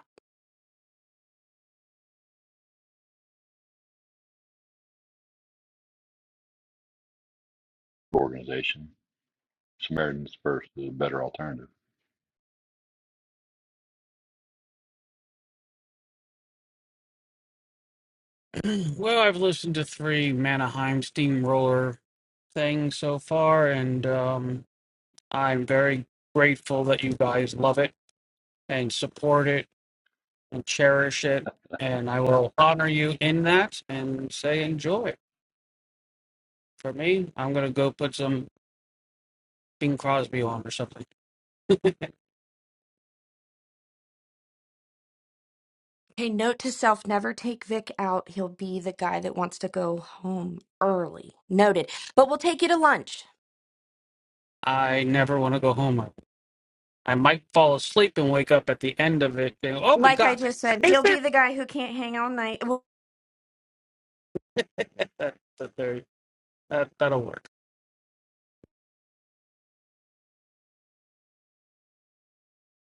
S7: organization. Samaritans First is a better alternative.
S3: well, I've listened to three Manaheim Steamroller things so far, and um, I'm very grateful that you guys love it and support it and cherish it. And I will honor you in that and say enjoy. For me, I'm gonna go put some Bing Crosby on or something.
S8: Hey, note to self, never take Vic out. He'll be the guy that wants to go home early. Noted. But we'll take you to lunch.
S3: I never want to go home. I might fall asleep and wake up at the end of it. And, oh my
S8: Like I
S3: god,
S8: just said,
S3: is
S8: he'll be
S3: that
S8: the guy who can't hang all night. Well,
S3: that that, there- that that'll work?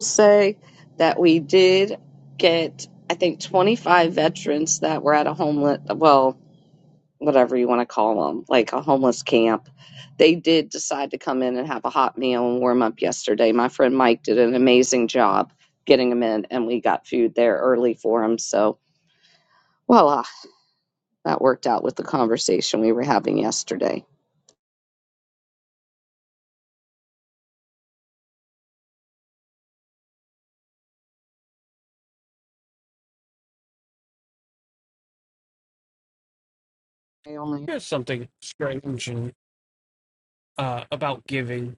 S1: Say that we did get, I think, 25 veterans that were at a homeless, well, whatever you want to call them, like a homeless camp. They did decide to come in and have a hot meal and warm up yesterday. My friend Mike did an amazing job getting them in, and we got food there early for them. So, voila, that worked out with the conversation we were having yesterday. I only
S3: Here's something strange and, uh, about giving.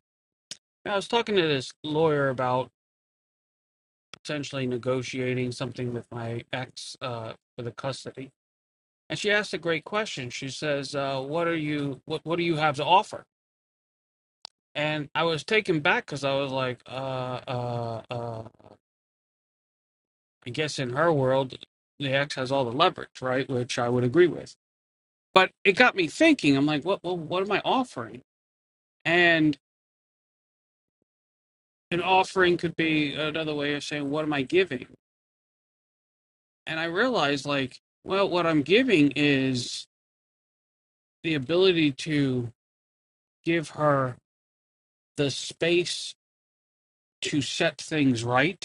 S3: I was talking to this lawyer about potentially negotiating something with my ex uh, for the custody and she asked a great question. She says, uh, "What are you? What What do you have to offer?" And I was taken back because I was like, uh, uh, uh, "I guess in her world, the ex has all the leverage, right?" Which I would agree with. But it got me thinking. I'm like, "What? Well, what am I offering?" And an offering could be another way of saying, "What am I giving?" And I realized, like, well, what I'm giving is the ability to give her the space to set things right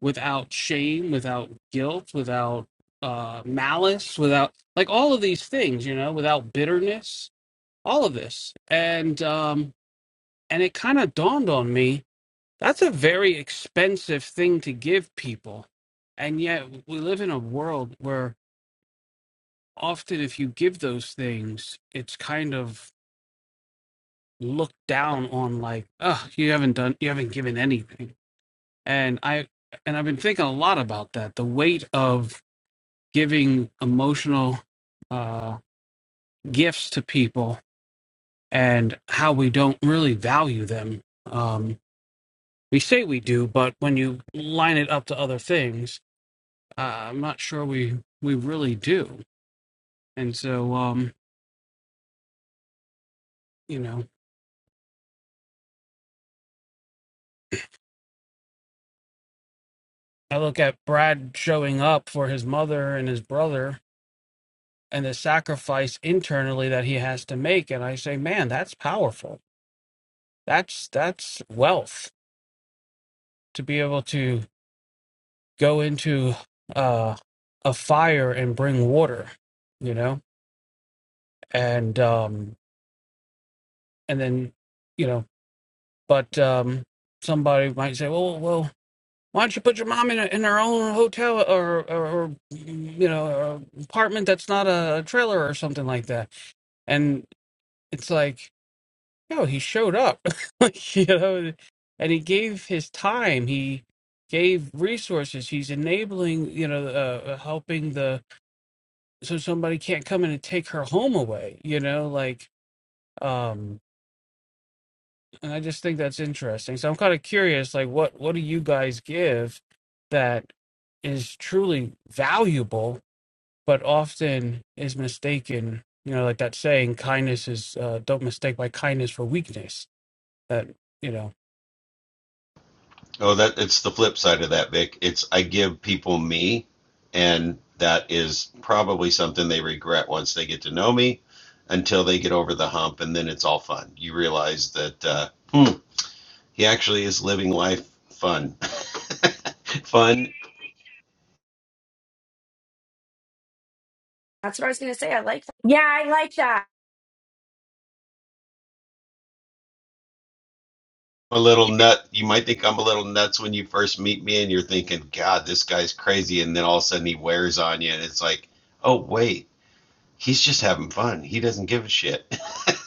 S3: without shame, without guilt, without uh, malice, without like all of these things, you know, without bitterness, all of this. And um, and it kind of dawned on me that's a very expensive thing to give people, and yet we live in a world where often if you give those things, it's kind of looked down on like, oh, you haven't done, you haven't given anything. And I and I've been thinking a lot about that, the weight of giving emotional uh, gifts to people and how we don't really value them. Um, we say we do, but when you line it up to other things, uh, I'm not sure we we really do. And so, um, you know, I look at Brad showing up for his mother and his brother and the sacrifice internally that he has to make, and I say, man, that's powerful. That's that's wealth to be able to go into uh, a fire and bring water, you know, and um, and then you know, but um, somebody might say, well, well, why don't you put your mom in a, in her own hotel or, or or you know or apartment that's not a trailer or something like that? And it's like, yo, he showed up, like, you know, and he gave his time. He gave resources. He's enabling, you know, uh, uh, helping the so somebody can't come in and take her home away you know like um and i just think that's interesting so i'm kind of curious like what what do you guys give that is truly valuable but often is mistaken you know like that saying kindness is uh, don't mistake my kindness for weakness that you know
S4: Oh, that it's the flip side of that, Vic. It's I give people me, and that is probably something they regret once they get to know me, until they get over the hump, and then it's all fun. You realize that uh, hmm, he actually is living life fun, fun.
S8: that's what I was going to say. I like that. Yeah, I like that.
S4: A little nut. You might think I'm a little nuts when you first meet me, and you're thinking, "God, this guy's crazy," and then all of a sudden he wears on you, and it's like, "Oh wait, he's just having fun. He doesn't give a shit."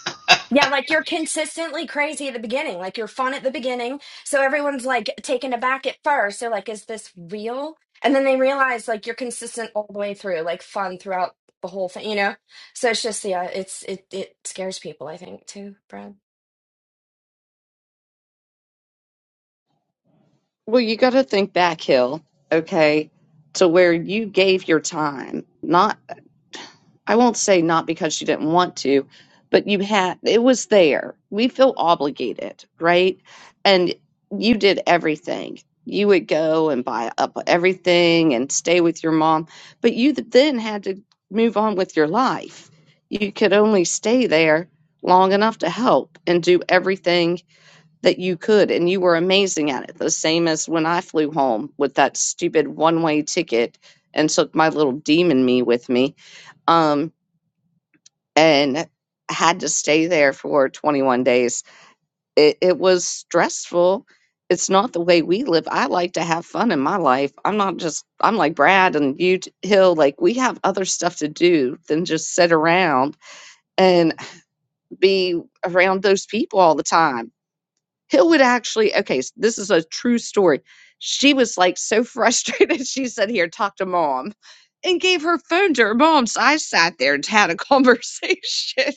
S8: Yeah, like you're consistently crazy at the beginning. Like you're fun at the beginning. So everyone's like taken aback at first. They're like, is this real? And then they realize like you're consistent all the way through, like fun throughout the whole thing, you know? So it's just, yeah, it's, it, it scares people, I think, too, Brad.
S1: Well, you got to think back, Hill, okay, to where you gave your time. Not, I won't say not because you didn't want to, but you had, it was there. We feel obligated, right? And you did everything. You would go and buy up everything and stay with your mom, but you th- then had to move on with your life. You could only stay there long enough to help and do everything that you could and you were amazing at it the same as when i flew home with that stupid one way ticket and took my little demon me with me um and had to stay there for 21 days it, it was stressful it's not the way we live i like to have fun in my life i'm not just i'm like brad and you t- hill like we have other stuff to do than just sit around and be around those people all the time Hill would actually, okay, s- this is a true story. She was like so frustrated. She said, Here, talk to mom, and gave her phone to her mom. So I sat there and had a conversation.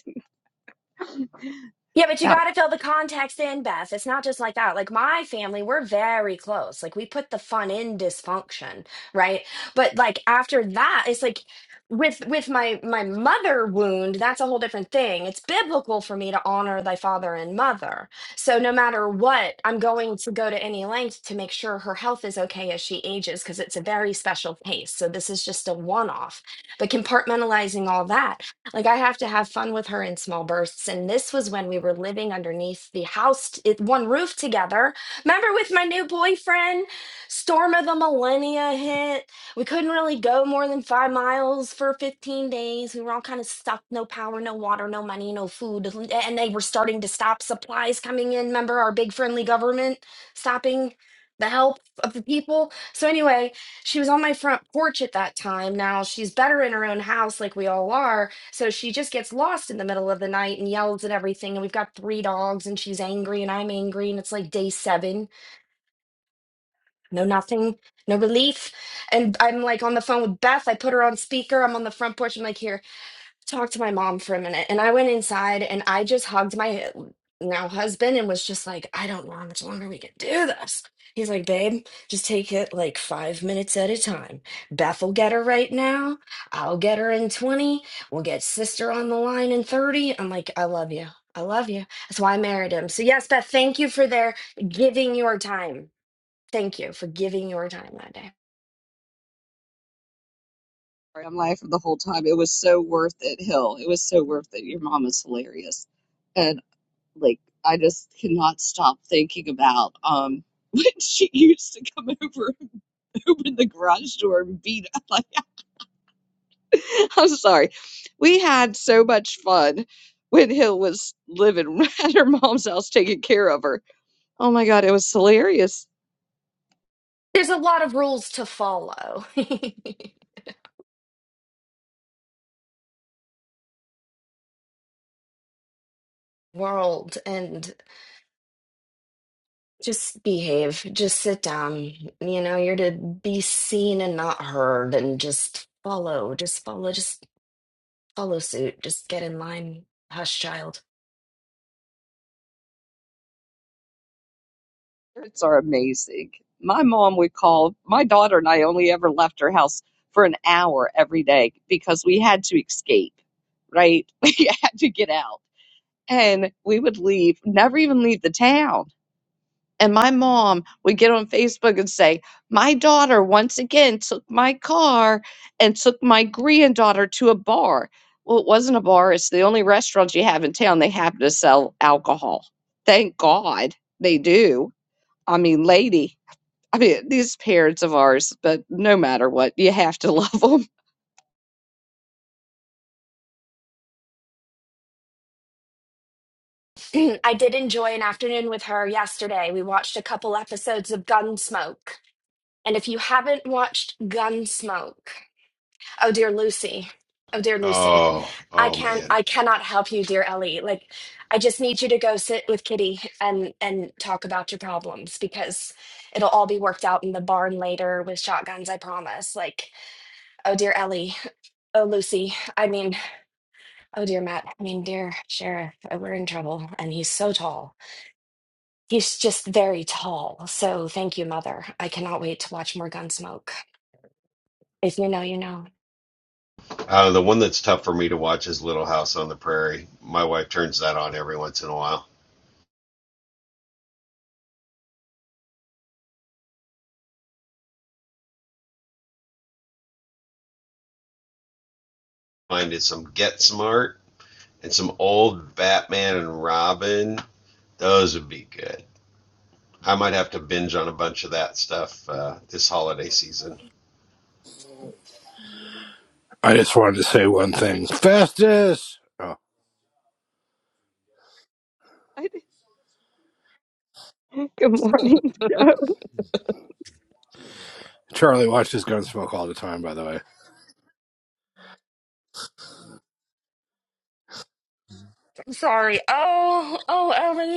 S8: Yeah, but you
S1: That
S8: got to fill the context in, Beth. It's not just like that. Like my family, we're very close. Like we put the fun in dysfunction, right? But like after that, it's like with with my my mother wound, that's a whole different thing. It's biblical for me to honor thy father and mother. So no matter what, I'm going to go to any length to make sure her health is okay as she ages because it's a very special case. So this is just a one-off. But compartmentalizing all that like I have to have fun with her in small bursts. And this was when we were living underneath the house, t- it- one roof together. Remember with my new boyfriend, storm of the millennia hit. We couldn't really go more than five miles for 15 days. We were all kind of stuck, no power, no water, no money, no food. l- And they were starting to stop supplies coming in. Remember our big friendly government stopping the help of the people. So anyway, she was on my front porch at that time. Now she's better in her own house like we all are so she just gets lost in the middle of the night and yells at everything. And we've got three dogs, and she's angry, and I'm angry. And it's like day seven, no nothing, no relief. And I'm like on the phone with Beth. I put her on speaker. I'm on the front porch. I'm like, here, talk to my mom for a minute. And I went inside and I just hugged my now husband and was just like, I don't know how much longer we can do this. He's like, babe, just take it like five minutes at a time. Beth will get her right now. I'll get her in 20. We'll get sister on the line in 30. I'm like, I love you. I love you. That's why I married him. So, yes, Beth, thank you for their giving your time. Thank you for giving your time that day.
S1: I'm laughing the whole time. It was so worth it, Hill. It was so worth it. Your mom is hilarious. And like, I just cannot stop thinking about um when she used to come over and open the garage door and beat up. like, I'm sorry. We had so much fun when Hill was living at her mom's house taking care of her. Oh my God, it was hilarious.
S8: There's a lot of rules to follow, world, and Just behave. Just sit down. You know, you're to be seen and not heard and just follow. Just follow. Just follow suit. Just get in line. Hush, child.
S1: Parents are amazing. My mom would call, my daughter and I only ever left her house for an hour every day because we had to escape, right? We had to get out. And we would leave, never even leave the town And my mom would get on Facebook and say, My daughter once again took my car and took my granddaughter to a bar. Well, it wasn't a bar, it's the only restaurant you have in town. They happen to sell alcohol. Thank God they do. I mean, lady, I mean, these parents of ours, but no matter what, you have to love them.
S8: I did enjoy an afternoon with her yesterday. We watched a couple episodes of Gunsmoke. And if you haven't watched Gunsmoke, Oh dear Lucy. Oh dear Lucy.
S4: Oh,
S8: I
S4: oh
S8: can
S4: man.
S8: I cannot help you, dear Ellie. Like I just need you to go sit with Kitty and and talk about your problems because it'll all be worked out in the barn later with shotguns, I promise. Like, oh dear Ellie. Oh Lucy. I mean, oh dear Matt. I mean, dear Sheriff. Oh, we're in trouble and he's so tall. He's just very tall. So thank you, mother. I cannot wait to watch more gun smoke. If you know, you know.
S4: Uh, the one that's tough for me to watch is Little House on the Prairie. My wife turns that on every once in a while. Mine is some Get Smart and some old Batman and Robin. Those would be good. I might have to binge on a bunch of that stuff uh, this holiday season.
S9: I just wanted to say one thing. Festus! Oh,
S1: Good morning, Joe.
S9: Charlie watches Gunsmoke all the time, by the way.
S8: I'm sorry. Oh, oh, Ellie.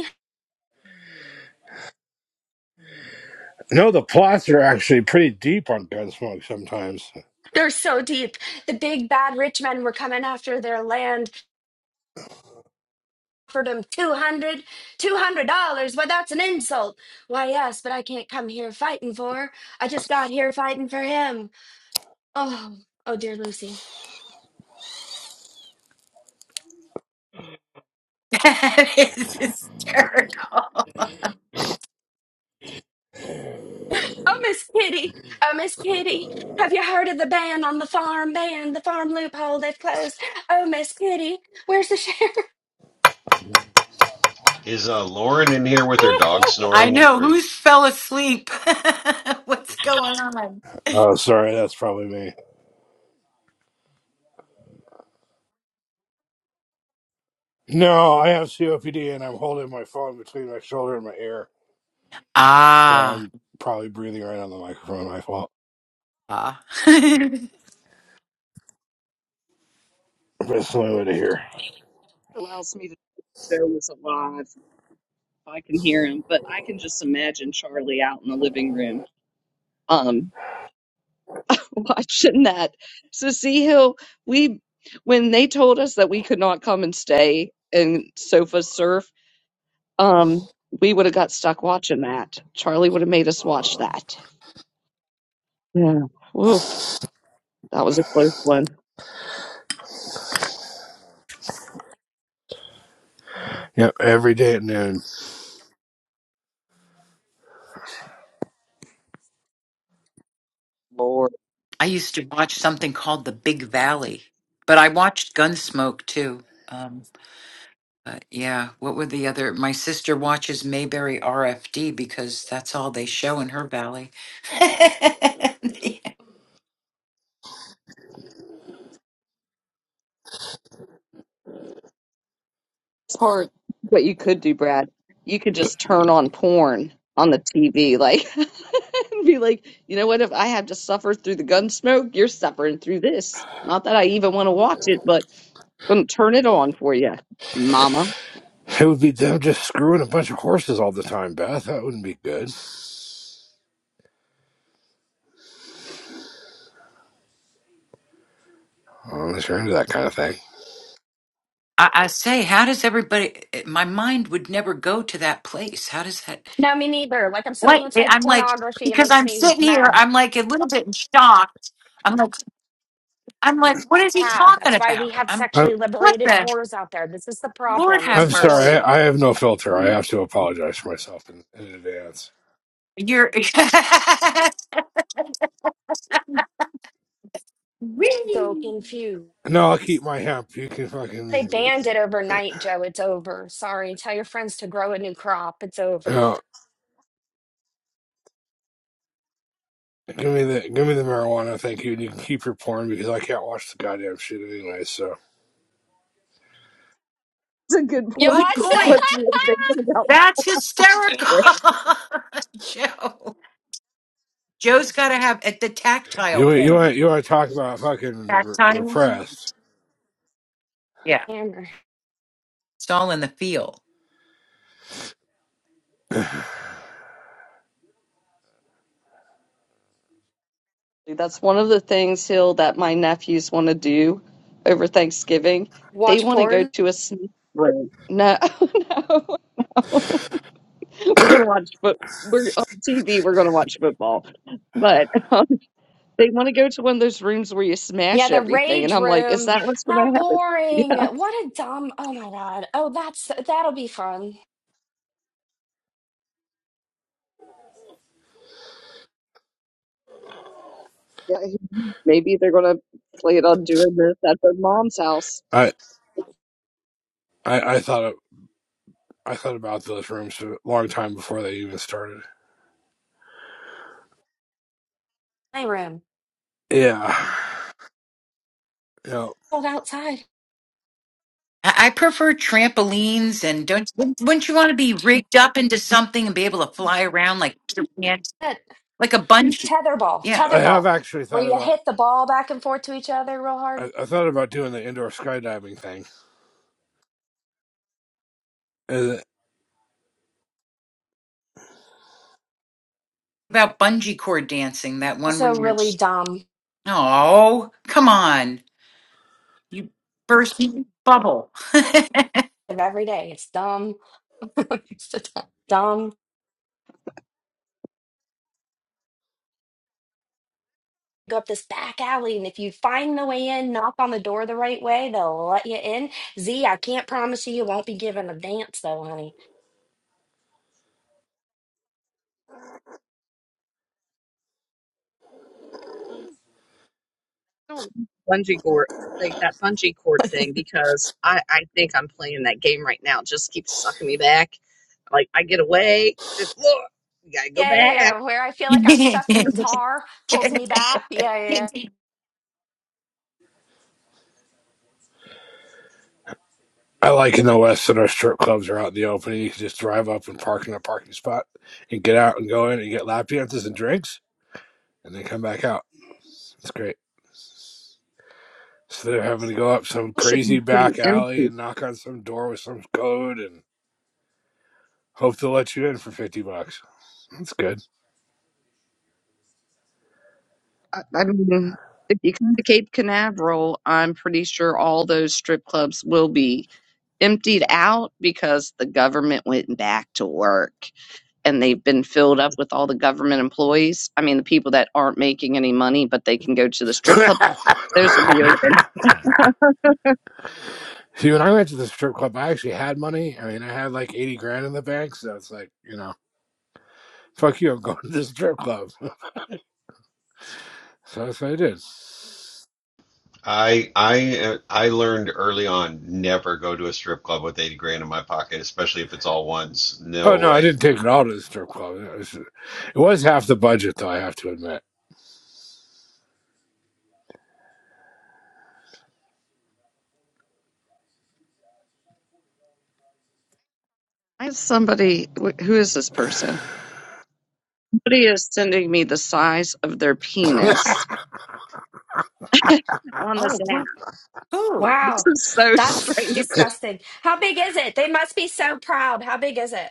S9: No, the plots are actually pretty deep on Gunsmoke sometimes.
S8: They're so deep. The big bad rich men were coming after their land, offered them 200 dollars. Why, that's an insult. Why, yes, but I can't come here fighting for. I just got here fighting for him. Oh, oh, dear Lucy.
S5: That is hysterical.
S8: Oh, Miss Kitty. Oh, Miss Kitty. Have you heard of the ban on the farm? Ban the farm loophole they've closed. Oh, Miss Kitty. Where's the sheriff?
S4: Is uh, Lauren in here with her dog
S5: I
S4: snoring,
S5: know.
S4: or
S5: Who's
S4: is
S5: fell asleep? What's going on?
S9: Oh, sorry, that's probably me. No, I have COPD and I'm holding my phone between my shoulder and my ear, so
S5: Ah.
S9: I'm probably breathing right on the microphone. My fault.
S5: ah.
S9: But it's the only way to hear.
S1: Allows me to show. I can just imagine Charlie out in the living room. Um, watching that. So see how we when they told us that we could not come and stay and sofa surf, um, we would have got stuck watching that. Charlie would have made us watch that. Yeah. Woof. That was a close one.
S9: Yep, every day at noon.
S5: I used to watch something called The Big Valley, but I watched Gunsmoke too. um, Uh, yeah, what were the other? My sister watches Mayberry RFD because that's all they show in her valley. I,
S1: part what you could do, Brad. You could just turn on porn on the TV, like, and be like, you know what? If I have to suffer through the gun smoke, you're suffering through this. Not that I even want to watch it, but I'm gonna turn it on for you, Mama.
S9: It would be them just screwing a bunch of horses all the time, Beth. That wouldn't be good. Unless you're into that kind of thing.
S5: I say, how does everybody? eh, My mind would never go to that place. How does that?
S8: No, me neither. Like I'm so
S5: What eh,
S8: anti
S5: I'm like
S8: pornography, it
S5: because
S8: makes
S5: I'm
S8: me
S5: sitting here,
S8: mad.
S5: I'm like a little bit in shock. I'm like, I'm like, what is he
S8: have.
S5: talking
S8: That's why we
S5: about?
S8: have
S5: I'm
S9: I
S8: sexually
S5: what
S8: liberated
S5: the
S8: whores out there. This is the
S5: Lord
S8: problem. It's
S5: have
S9: I'm sorry,
S8: porn.
S5: mercy.
S9: I, I have no filter. I have to apologize for myself in, in advance.
S5: You're
S8: So
S5: Whee!
S8: confused.
S9: No, I'll keep my hemp. You can
S8: They
S9: fucking
S8: banned it overnight, Joe. It's over. Sorry. Tell your friends to grow a new crop. It's over.
S9: no. Give me the give me the marijuana, thank you. And you can keep your porn because I can't watch the goddamn shit anyway. So
S1: It's a good
S8: You
S1: point.
S5: good
S8: watch
S1: What
S5: point.
S8: that?
S1: we were thinking about
S5: That's
S1: there.
S5: hysterical, Joe. Joe's got to have at the tactile
S9: you you
S5: porn.
S9: want you want to talk about fucking re-
S5: Tactile.
S9: repressed?
S5: Yeah,
S8: Hammer.
S5: it's all in the feel.
S1: That's one of the things, Hill, that my nephews want to do over Thanksgiving. They
S8: Watch
S1: want to go
S8: porn?
S1: to a sneak break. No, We're gonna watch but We're on TV. We're gonna watch football, but um, they want to go to one of those rooms where you
S8: Yeah,
S1: smash
S8: the
S1: everything, and
S8: rage
S1: I'm like, is
S8: room.
S1: that what's gonna
S8: How
S1: happen?
S8: boring. What a dumb. Oh my God. Oh, that's that'll be fun.
S1: Yeah, yeah. Maybe they're gonna play it on doing this at their mom's house.
S9: I, I I thought of- I thought about those rooms a long time before they even started.
S8: My room.
S9: Yeah, you know,
S8: Hold outside.
S5: I, I prefer trampolines, and don't wouldn't wouldn't you want to be rigged up into something and be able to fly around like
S8: That-
S5: like a bungee?
S8: Tetherball.
S5: Yeah,
S9: I
S8: Tetherball.
S9: have actually
S8: Where
S9: thought
S8: you
S9: about
S8: hit the ball back and forth to each other real hard.
S9: I, I thought about doing the indoor skydiving thing.
S5: about bungee cord dancing, that one where
S8: Also,
S5: you're.
S8: really dumb.
S5: Oh, come on! You burst your bubble.
S8: of every day. It's dumb. it's just dumb. Go up this back alley, and if you find the way in, knock on the door the right way, they'll let you in. Z, I can't promise you you won't be given a dance though, honey.
S1: I don't like bungee cord like that bungee cord thing because I I think I'm playing that game right now. It just keeps sucking me back. Like I get away, the floor, you gotta go
S8: Yeah, yeah,
S1: back.
S8: yeah. Where I feel like I'm stuck in tar pulls me back. Yeah, yeah. yeah.
S9: I like in the West that our strip clubs are out in the open. You can just drive up and park in a parking spot and get out and go in and get lap dances and drinks and then come back out. It's great. Instead of having to go up some
S1: Should
S9: crazy
S1: be pretty
S9: back
S1: empty.
S9: alley and knock on some door with some code and hope they'll let you in for 50 bucks. That's good.
S1: I I mean, if you come to Cape Canaveral, I'm pretty sure all those strip clubs will be emptied out because the government went back to work and they've been filled up with all the government employees. I mean, the people that aren't making any money, but they can go to the strip club. Those will be open.
S9: See, when I went to the strip club, I actually had money. I mean, I had like 80 grand in the bank. So it's like, you know, fuck you, I'm going to the strip club. So that's what I did.
S4: I I uh, I learned early on never go to a strip club with eighty grand in my pocket, especially if it's all ones.
S9: Oh
S4: No
S9: no, I
S4: way.
S9: didn't take it all to the strip club. It was, it was half the budget, though. I have to admit.
S1: I have somebody, wh- who is this person? Somebody is sending me the size of their penis on this
S5: oh,
S1: app.
S5: who? Who?
S1: This
S8: Wow,
S1: is so
S8: that's
S1: strange.
S8: disgusting. How big is it? They must be so proud. How big is it?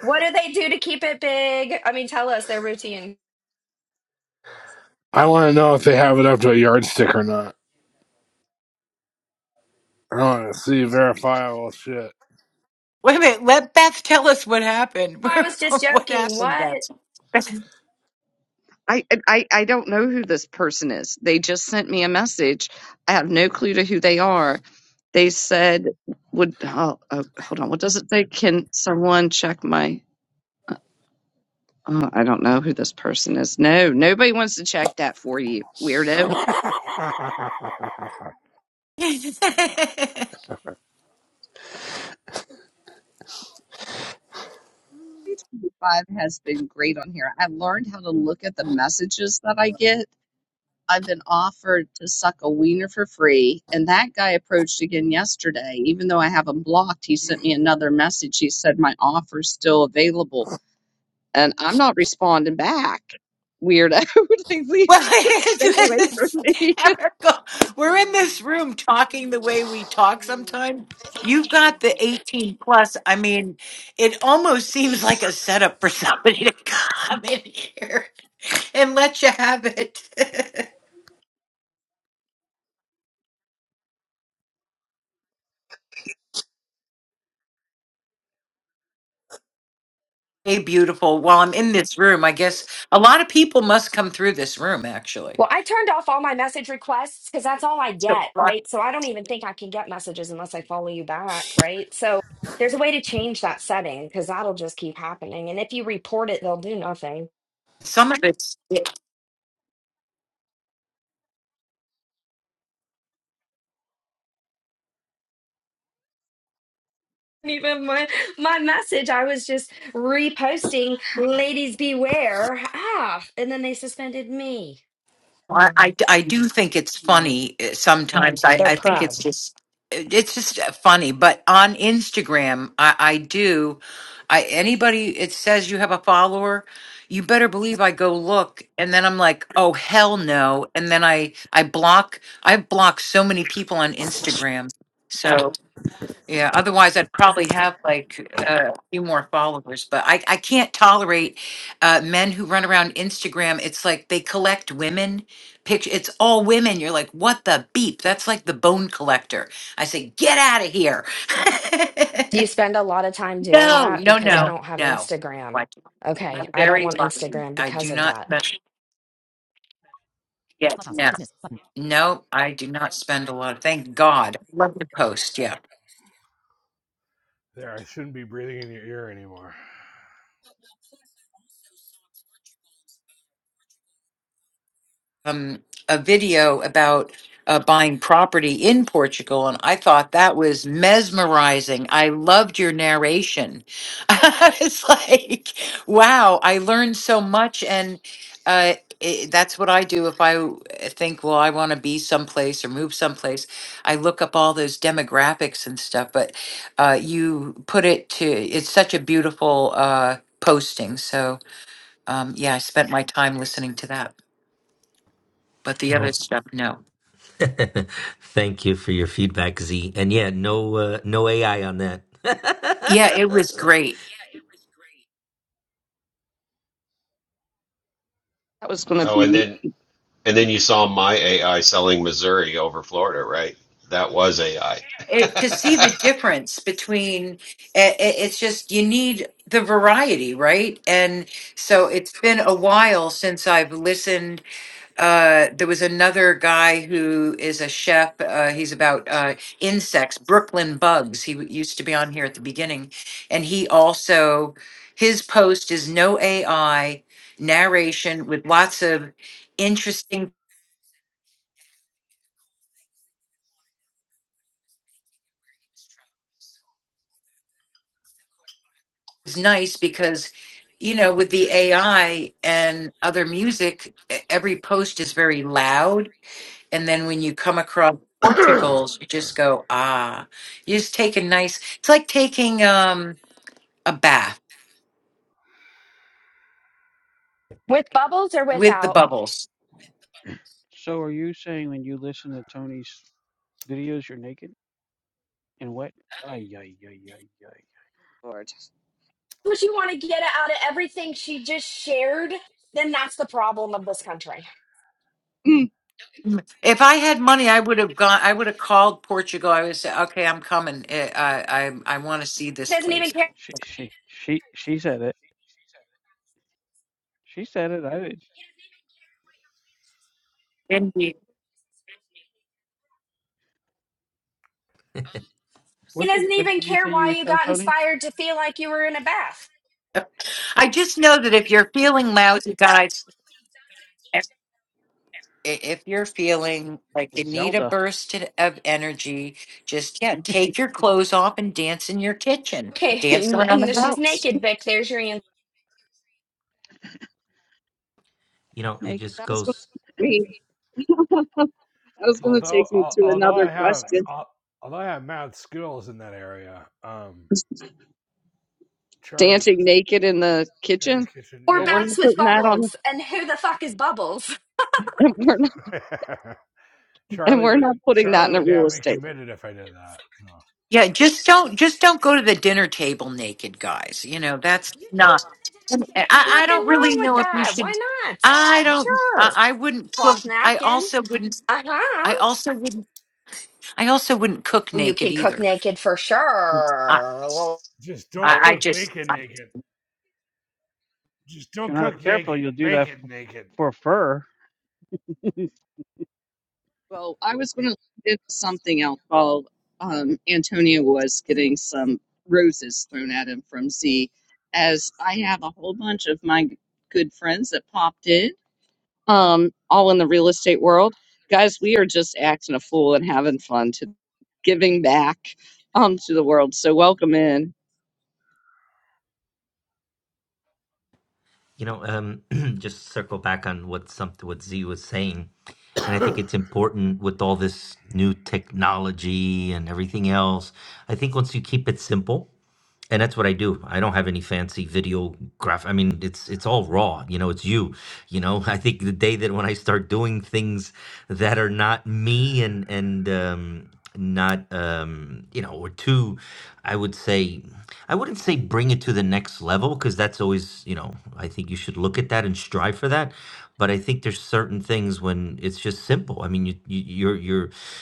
S8: What do they do to keep it big? I mean, tell us their routine.
S9: I want to know if they have it up to a yardstick or not. I want to see verifiable shit.
S5: Wait a minute. Let Beth tell us what happened.
S8: I was just
S5: what
S8: joking.
S5: happened,
S8: What?
S5: Beth? well,
S1: I, I I don't know who this person is. They just sent me a message. I have no clue to who they are. They said, "Would oh, oh, hold on? What does it say? Can someone check my?" Uh, oh, I don't know who this person is. No, nobody wants to check that for you, weirdo.
S9: there,
S1: Twenty five has been great on here. I've learned how to look at the messages that I get I've been offered to suck a wiener for free. And that guy approached again yesterday. Even though I have him blocked, he sent me another message. He said, My offer's still available. And I'm not responding back. Weirdo. like, leave, just stay away from
S5: it's
S1: me.
S5: hysterical. We're in this room talking the way we talk sometimes. You've got the 18 plus. I mean, it almost seems like a setup for somebody to come in here and let you have it. hey, beautiful. While I'm in this room, I guess a lot of people must come through this room, actually.
S8: Well, I turned off all my message requests because that's all I
S5: So
S8: get,
S5: fun.
S8: right? So I don't even think I can get messages unless I follow you back, right? So there's a way to change that setting because that'll just keep happening. And if you report it, they'll do nothing.
S5: some of it.
S8: Even my my message, I was just reposting "Ladies beware," ah, and then they suspended me.
S5: I, I, I do think it's
S3: Yeah.
S5: funny uh,
S8: Um,
S5: sometimes. I,
S8: they're
S5: I think it's
S8: proud.
S5: just it's just uh, funny. But on Instagram, I, I do. I anybody it says you have a follower, you better believe I go look, and then I'm like, oh hell no, and then I I block. I block so many people on Instagram. So yeah, otherwise I'd probably have like uh, a few more followers, but I, I can't tolerate uh, men who run around Instagram. It's like they collect women picture. It's all women. You're like, what the beep? That's like the bone collector. I say, get out of here.
S8: Do you spend a lot of time doing
S5: no,
S8: that?
S5: no,
S8: Because I
S5: no,
S8: don't have
S5: no.
S8: Instagram.
S5: Like,
S8: Okay,
S5: I'm
S8: I don't
S5: very
S8: want
S5: lucky.
S8: Instagram
S5: I
S8: because
S5: do
S8: of
S5: not
S8: that.
S5: spend. Yes, no, no. I do not spend a lot. Of, thank God. Love to post. Yeah.
S9: I shouldn't be breathing in your ear anymore.
S5: um, a video about uh, buying property in Portugal, and I thought that was mesmerizing. I loved your narration. I was like, wow, I learned so much, and uh, i that's what I do if I w- think, well, I want to be someplace or move someplace. I look up all those demographics and stuff, but uh, you put it to it's such a beautiful uh, posting. So, um, yeah, I spent my time listening to that but the other
S6: Well,
S5: stuff, no.
S6: thank you for your feedback, Z. And yeah, no, uh, no AI on that.
S5: Yeah, it was great.
S1: That was going
S4: Oh,
S1: to
S4: and
S1: be
S4: then And then you saw my AI selling Missouri over Florida, right? That was AI.
S5: It, to see the difference between it, it's just you need the variety right and so it's been a while since i've listened uh there was another guy who is a chef uh he's about uh insects brooklyn bugs he w- used to be on here at the beginning and he also his post is no ai narration with lots of interesting it's nice because you know with the ai and other music e- every post is very loud and then when you come across
S9: although,
S5: portals you just go ah you just take a nice it's like taking um a bath
S8: With bubbles or
S5: with the
S8: without?
S5: bubbles
S3: So are you saying when you listen to Tony's videos, you're naked and wet? Ay, ay, ay, ay, ay.
S1: Lord.
S8: what you want to get out of everything she just shared, then that's the problem of this country.
S1: Mm,
S5: if i had money i would have gone i would have called portugal i would say okay i'm coming i i i, I want to see this
S8: He doesn't even
S5: place
S8: care.
S3: She, she, she, she said it. She said it.
S5: indeed
S8: He
S3: What did
S8: doesn't
S3: what
S8: even
S3: did you
S8: care
S3: say you
S8: why
S3: would
S8: you
S3: tell
S8: got
S3: Tony?
S8: inspired to feel like you were in a bath.
S5: i just know that if you're feeling lousy guys i- if you're feeling like you
S3: It's
S5: need a
S3: Zelda.
S5: burst to- of energy, just yeah, take your clothes off and dance in your kitchen.
S8: Okay,
S5: Dance
S8: and,
S5: around the
S8: she's
S5: house.
S8: naked, Vic. There's your answer.
S6: you know, it
S3: Make
S6: just
S1: That was going
S6: goes.
S1: to me. That was going to take me to another question.
S9: al- although I have mad skills in that area, um, Charlie
S1: Dancing naked in the
S9: in the
S1: kitchen.
S9: kitchen,
S8: Or
S1: Well,
S9: yeah,
S1: we're
S8: bats
S1: not
S8: with
S1: putting that on
S8: bubbles. And who the fuck is bubbles?
S1: we're not, and
S9: Charlie
S1: we're
S9: would
S1: not putting
S9: Charlie
S1: that in a real
S9: have me
S1: estate.
S9: committed if I did that. So,
S5: Yeah, just don't just don't go to the dinner table naked, guys. You know that's not. and I, I
S8: Nothing
S5: don't
S8: wrong
S5: really
S8: with
S5: know if you
S8: that.
S5: should.
S8: Why not?
S5: I don't. I,
S8: Sure.
S5: I wouldn't cook.
S8: Cloth
S5: I
S8: napkin.
S5: also wouldn't.
S8: Uh
S5: I
S8: huh.
S5: also wouldn't. I also wouldn't cook
S8: You
S5: naked
S8: can cook
S5: either.
S8: naked for
S5: I,
S8: sure.
S9: just
S5: I, I just.
S3: If you're not careful, you'll do that f- for fur.
S1: Well, I was going to do something else while um, Antonio was getting some roses thrown at him from Z, as I have a whole bunch of my good friends that popped in, um, all in the real estate world. Guys, we are just acting a fool and having fun to giving back um, to the world. So welcome in
S6: You know, um, just circle back on what some what Z was saying, and I think it's important with all this new technology and everything else. I think once you keep it simple, and that's what I do. I don't have any fancy video graph. I mean, it's it's all raw. You know, it's you. You know, I think the day that when I start doing things that are not me and and um, not um, you know, or too, I would say, I wouldn't say bring it to the next level because that's always you know, I think you should look at that and strive for that. But I think there's certain things when it's just simple. I mean, you, you you're you're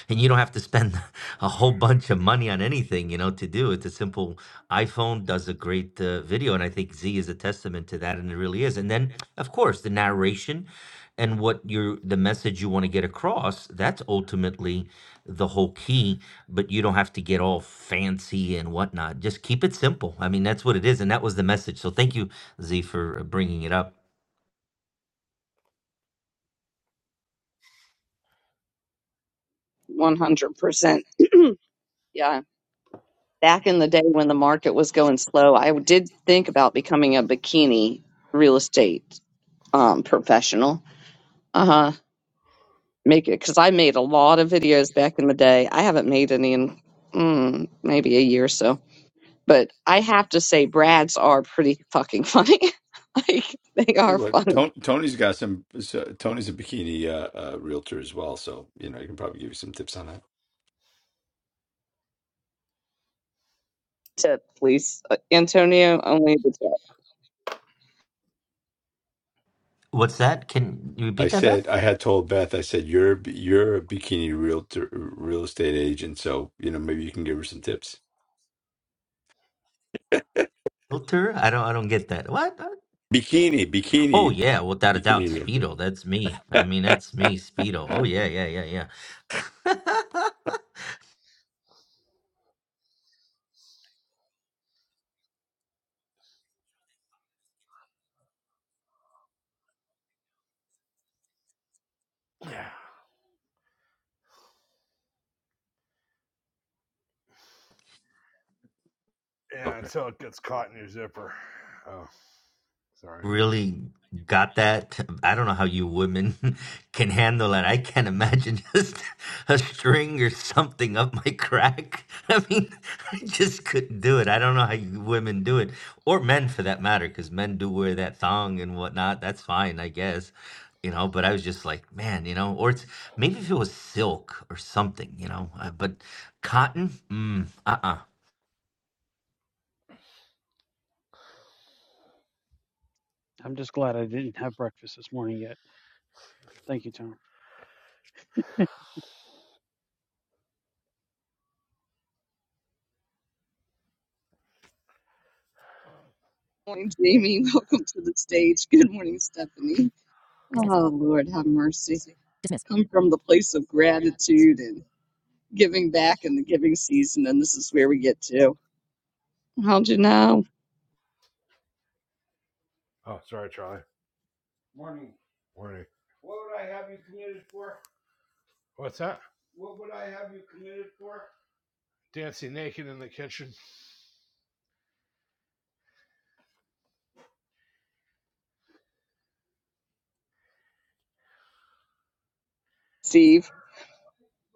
S6: and you don't have to spend a whole bunch of money on anything you know to do it the simple iphone does a great uh, video and i think z is a testament to that and it really is and then of course the narration and what your the message you want to get across that's ultimately the whole key but you don't have to get all fancy and whatnot just keep it simple i mean that's what it is and that was the message so thank you z for uh, bringing it up
S1: 100%. Yeah. back in the day when the market was going slow, I did think about becoming a bikini real estate um, professional. Uh huh. Make it because I made a lot of videos back in the day. I haven't made any in mm, maybe a year or so, but I have to say, Brad's are pretty fucking funny. like they are
S2: Anyway,
S1: funny.
S2: Ton- Tony's got some. so- Tony's a bikini uh, uh, realtor as well, so you know I can probably give you some tips on that.
S1: Tip, please, Uh, Antonio. Only the tip.
S6: what's that can you
S2: I
S6: repeat that beth
S2: said I had told Beth. I said you're a b- you're a bikini realtor, real estate agent, so you know maybe you can give her some tips.
S6: filter i don't i don't get that what
S2: Bikini,
S6: Oh
S2: bikini.
S6: yeah, without a doubt,
S2: Between
S6: Speedo. That's me. I mean, that's me, Speedo. Oh yeah, yeah, yeah, yeah. really got that. I don't know how you women can handle that. I can't imagine just a string or something up my crack. I mean, I just couldn't do it. I don't know how you women do it, or men for that matter, because men do wear that thong and whatnot. That's fine, I guess. You know, but I was just like, man, you know, or it's maybe if it was silk or something, you know, uh, but cotton, mm, uh uh.
S3: I'm just glad I didn't have breakfast this morning yet. Thank you, Tom.
S1: morning, Jamie. Welcome to the stage. Good morning, Stephanie.
S9: dismiss.
S1: Oh, Lord, have mercy.
S9: Dismiss.
S1: Come from the place of gratitude and giving back in the giving season, and this is where we get to. How'd you know,
S9: oh, sorry, Charlie. Warning. What's that? Dancing naked in the kitchen.
S1: Steve?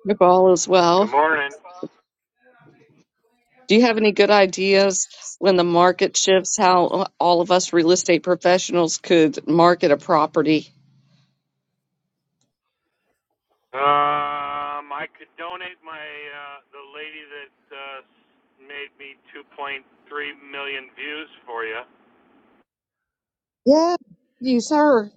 S1: Hope all is
S10: Good
S1: well.
S10: morning.
S1: Do you have any good ideas when the market shifts, how all of us real estate professionals could market a property?
S10: Um, I could donate my uh, the lady that uh, made me 2.3 million views for you.
S1: Yeah, you sir.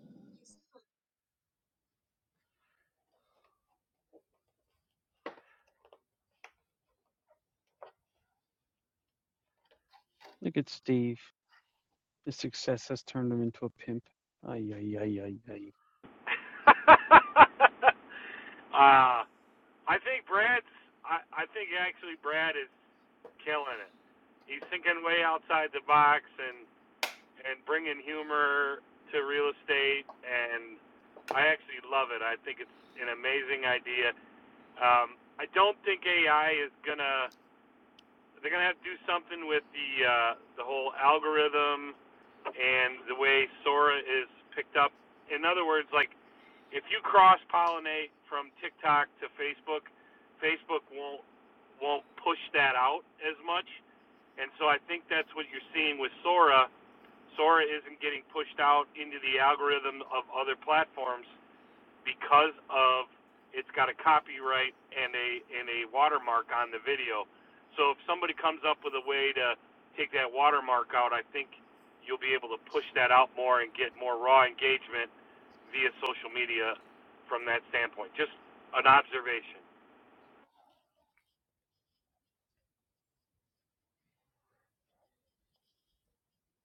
S3: Look at Steve. His success has turned him into a pimp. Ay, ay, ay, ay, ay.
S10: uh, I think Brad's. I, I think actually Brad is killing it. He's thinking way outside the box and and bringing humor to real estate, and I actually love it. I think it's an amazing idea. Um, I don't think AI is gonna they're gonna have to do something with the uh, the whole algorithm and the way Sora is picked up. In other words, like if you cross pollinate from TikTok to Facebook, Facebook won't won't push that out as much. And so I think that's what you're seeing with Sora. Sora isn't getting pushed out into the algorithm of other platforms because of it's got a copyright and a and a watermark on the video. So if somebody comes up with a way to take that watermark out, I think you'll be able to push that out more and get more raw engagement via social media from that standpoint. Just an observation.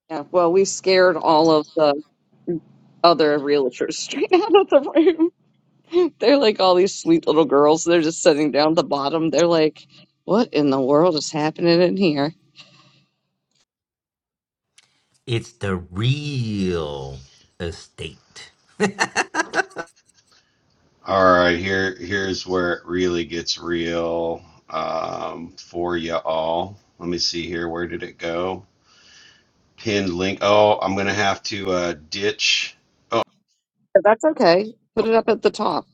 S1: Yeah, well, we scared all of the other realtors straight out of the room. They're like all these sweet little girls. They're just sitting down at the bottom. They're like, what in the world is happening in here?
S6: It's the real estate.
S4: All right, here here's where it really gets real um, for you all. Let me see here. Where did it go? Pinned link. Oh, I'm gonna have to uh, ditch. Oh,
S1: But that's okay. Put it up at the top.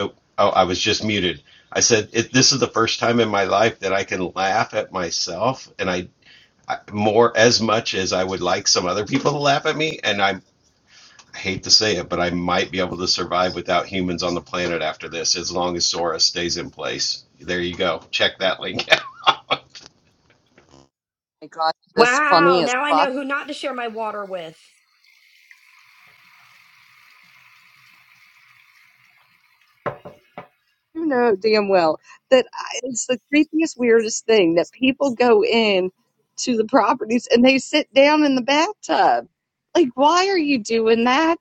S4: oh, oh, I was just muted. I said it, this is the first time in my life that I can laugh at myself, and I, I more as much as I would like some other people to laugh at me, and I I hate to say it, but I might be able to survive without humans on the planet after this, as long as Sora stays in place. There you go. Check that link
S1: I got this
S8: Wow,
S1: funny as
S8: now I
S1: fuck.
S8: know who not to share my water with.
S1: You know damn well that I, it's the creepiest, weirdest thing that people go in to the properties and they sit down in the bathtub. Like, why are you doing that?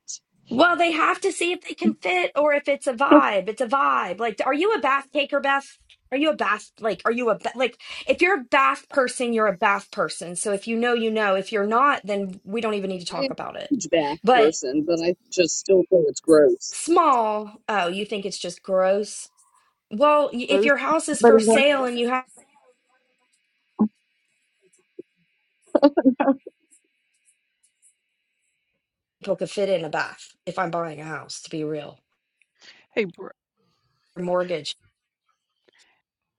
S8: Well, they have to see if they can fit or if it's a
S1: I
S8: vibe. It's a vibe. Like, are you a bath taker, Beth? Are you a bath? Like, are you a ba- like? If you're a bath person, you're a bath person. So if you know, you know. If you're not, then we don't even need to
S1: am
S8: talk about
S1: a
S8: it.
S1: huge bath
S8: But
S1: person, but I just still think it's gross.
S8: small. Oh, you think it's just gross? Well, y- if
S1: Gross.
S8: your house is
S1: but
S8: for sale and you have people could fit in a bath. If I'm buying a house, to be real,
S3: Hey, Br-
S8: or mortgage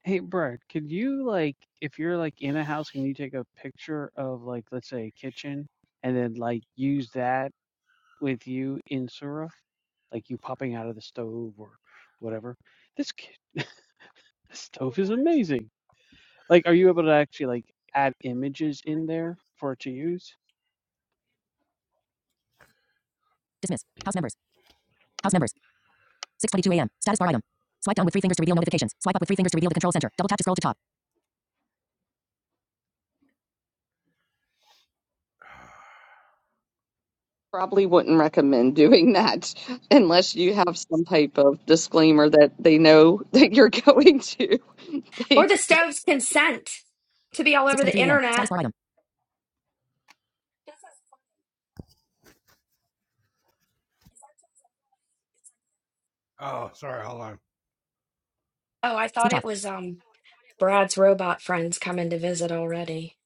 S3: hey, Brad, could you, like, if you're, like, in a house, can you take a picture of, like, let's say a kitchen and then, like, use that with you in Sura, Like, you popping out of the stove or whatever. This, ki- this stove is amazing. Like, are you able to actually like add images in there for it to use?
S9: Dismiss. House members. House members. 6:22 a.m. Status bar item. Swipe down with three fingers to reveal notifications. Swipe up with three fingers to reveal the control center. Double tap to scroll to top.
S1: Probably wouldn't recommend doing that unless you have some type of disclaimer that they know that you're going to
S8: or
S1: take.
S8: the stove's consent to be all over the
S9: 6:23 a.m.
S8: internet.
S9: Status bar item.
S8: Oh, I thought
S9: Speech off.
S8: it was um. Brad's robot friend's coming to visit already.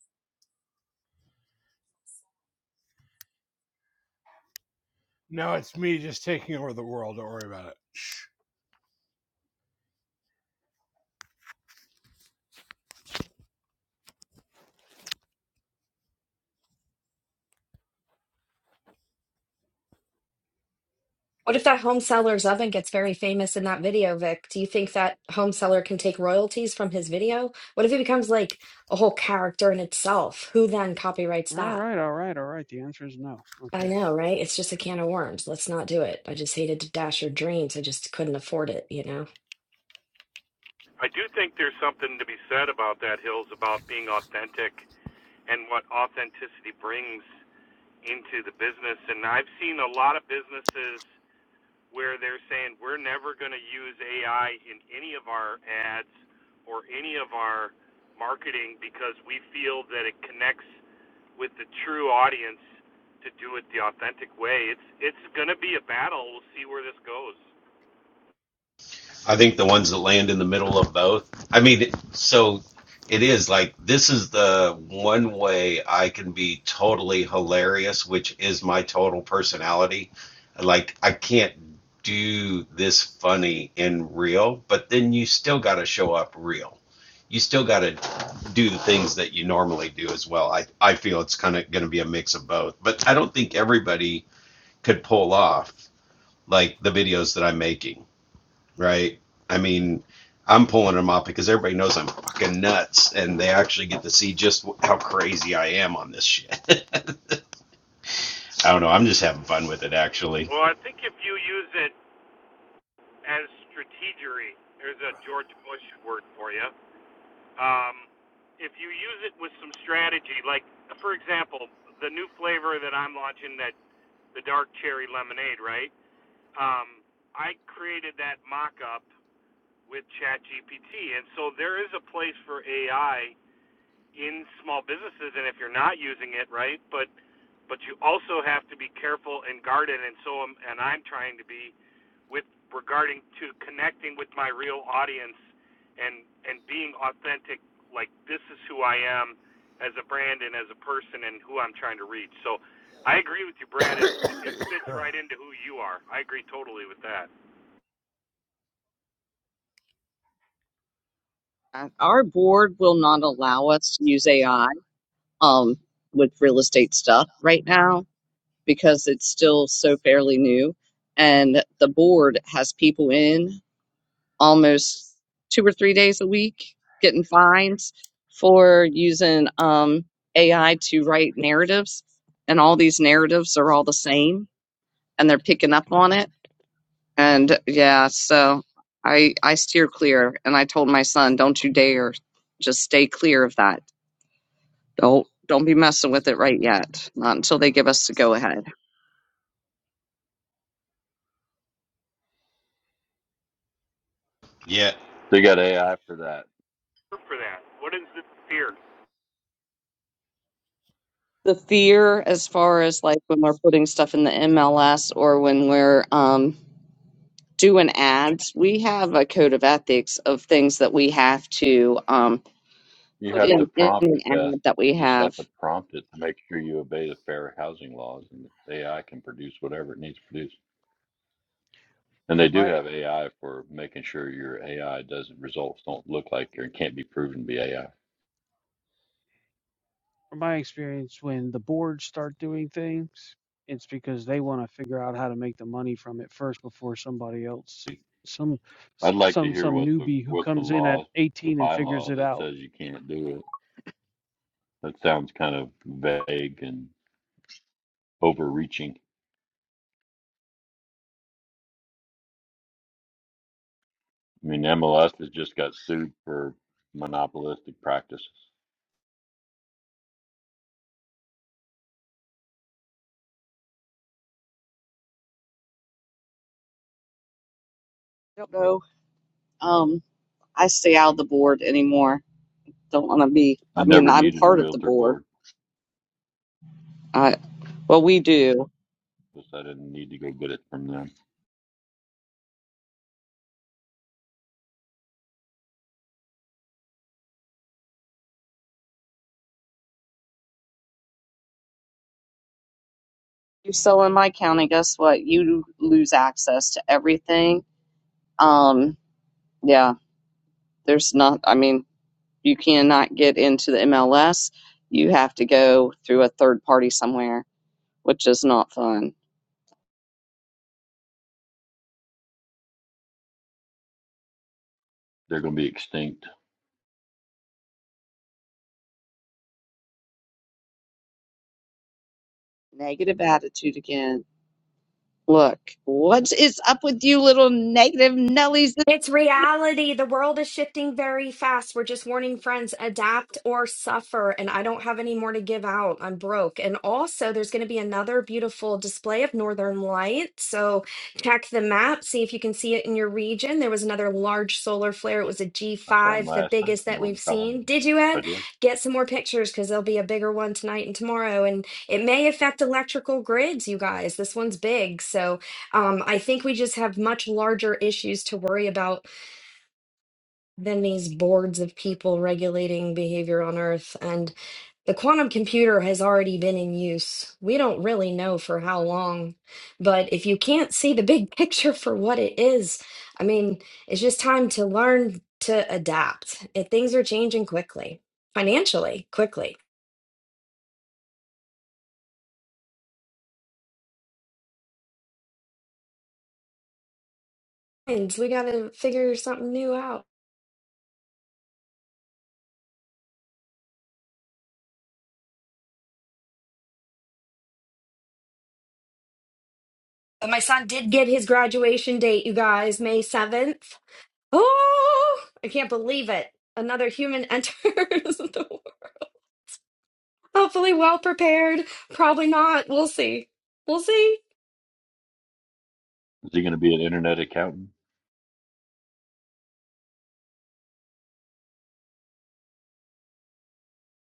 S8: What if that home seller's oven gets very famous in that video, Vic? Do you think that home seller can take royalties from his video? What if it becomes like a whole character in itself? Who then copyrights
S3: All
S8: that?
S3: right, all right, all right. The answer is no.
S8: I
S3: Okay.
S8: know, right? It's just a can of worms. Let's not do it. I just hated to dash your dreams. I just couldn't afford it, you know?
S10: I do think there's something to be said about that, Hills, about being authentic and what authenticity brings into the business. And I've seen a lot of businesses where they're saying we're never going to use AI in any of our ads or any of our marketing because we feel that it connects with the true audience to do it the authentic way. It's it's going to be a battle. We'll see where this goes.
S4: I think the ones that land in the middle of both. I mean, so it is like this is the one way I can be totally hilarious, which is my total personality. Like I can't do this funny and real, but then you still got to show up real. You still got to do the things that you normally do as well. I I feel it's kind of going to be a mix of both, but I don't think everybody could pull off like the videos that I'm making right? I mean, I'm pulling them off because everybody knows I'm fucking nuts, and they actually get to see just how crazy I am on this shit. I don't know. I'm just having fun with it, actually.
S10: Well, I think if you use it as strategery, there's a George Bush word for you. Um, if you use it with some strategy, like for example, the new flavor that I'm launching that the dark cherry lemonade, right? Um, I created that mock-up with ChatGPT, and so there is a place for AI in small businesses, and if you're not using it, right? But but you also have to be careful and guarded, and so am, and I'm trying to be with regarding to connecting with my real audience and and being authentic like this is who I am as a brand and as a person and who I'm trying to reach. So I agree with you, Brad. It it fits right into who you are. I agree totally with that.
S1: Our board will not allow us to use AI um, with real estate stuff right now. because it's still so fairly new. And the board has people in almost two or three days a week getting fines for using um, AI to write narratives. And all these narratives are all the same and they're picking up on it. And yeah, so I I steer clear and I told my son, don't you dare just stay clear of that. Don't don't be messing with it right yet. Not until they give us the go ahead.
S4: Yeah.
S7: They got AI for that.
S10: For that, what is the fear?
S1: the fear as far as like when we're putting stuff in the MLS or when we're um, doing ads, we have a code of ethics of things that we have to um,
S7: You
S1: put
S7: have to
S1: in, in
S7: prompt,
S1: an
S7: Beth.
S1: ad that
S7: You
S1: we
S7: just have
S1: have.
S7: to prompt it to make sure you obey the fair housing laws, and AI can produce whatever it needs to produce. And they
S3: From
S7: do
S3: my
S7: have AI for making sure your AI doesn't results don't look like or can't be proven to be AI.
S3: from my experience, when the boards start doing things, it's because they want to figure out how to make the money from it first before somebody else. Some s-
S7: I'd like to
S3: some
S7: hear
S3: some
S7: what the
S3: newbie who
S7: what the
S3: comes in at
S7: law, the
S3: 18 and figures
S7: bylaw
S3: it
S7: that
S3: out.
S7: says you can't do it. That sounds kind of vague and overreaching. I mean, MLS has just got sued for monopolistic practices.
S1: I don't know. Um, I stay out of the board anymore. Don't want to be.
S7: I
S1: I mean,
S7: never
S1: I'm
S7: needed a
S1: part of the
S7: realtor
S1: board.
S7: board.
S1: I well, we do.
S7: Decided I need to go get it from them.
S1: You sell in my county, guess what? You lose access to everything. Um, yeah, there's not. I mean, You cannot get into the MLS. You have to go through a third party somewhere, which is not fun.
S7: They're going to be extinct.
S1: Negative attitude again. Look, what is up with you little negative Nellies?
S8: It's reality. The world is shifting very fast. We're just warning friends, adapt or suffer. And I don't have any more to give out. I'm broke. And also, there's going to be another beautiful display of Northern Light. So check the map, see if you can see it in your region. There was another large solar flare.
S7: I
S8: It was a
S7: saw them
S8: G5, the
S7: last night
S8: biggest
S7: in
S8: that we've
S7: Northern Colorado.
S8: seen. Did you,
S7: I
S8: Ed?
S7: did.
S8: Get some more pictures because there'll be a bigger one tonight and tomorrow. And it may affect electrical grids, you guys. This one's big. So um, I think we just have much larger issues to worry about than these boards of people regulating behavior on Earth. And the quantum computer has already been in use. We don't really know for how long. But if you can't see the big picture for what it is, I mean, it's just time to learn to adapt. If things are changing quickly, financially, quickly. And we got to figure something new out. But My son did get his graduation date, you guys, May 7th. Oh, I can't believe it. Another human enters the world. Hopefully, well prepared. Probably not. We'll see. We'll see.
S7: Is he going to be an internet accountant?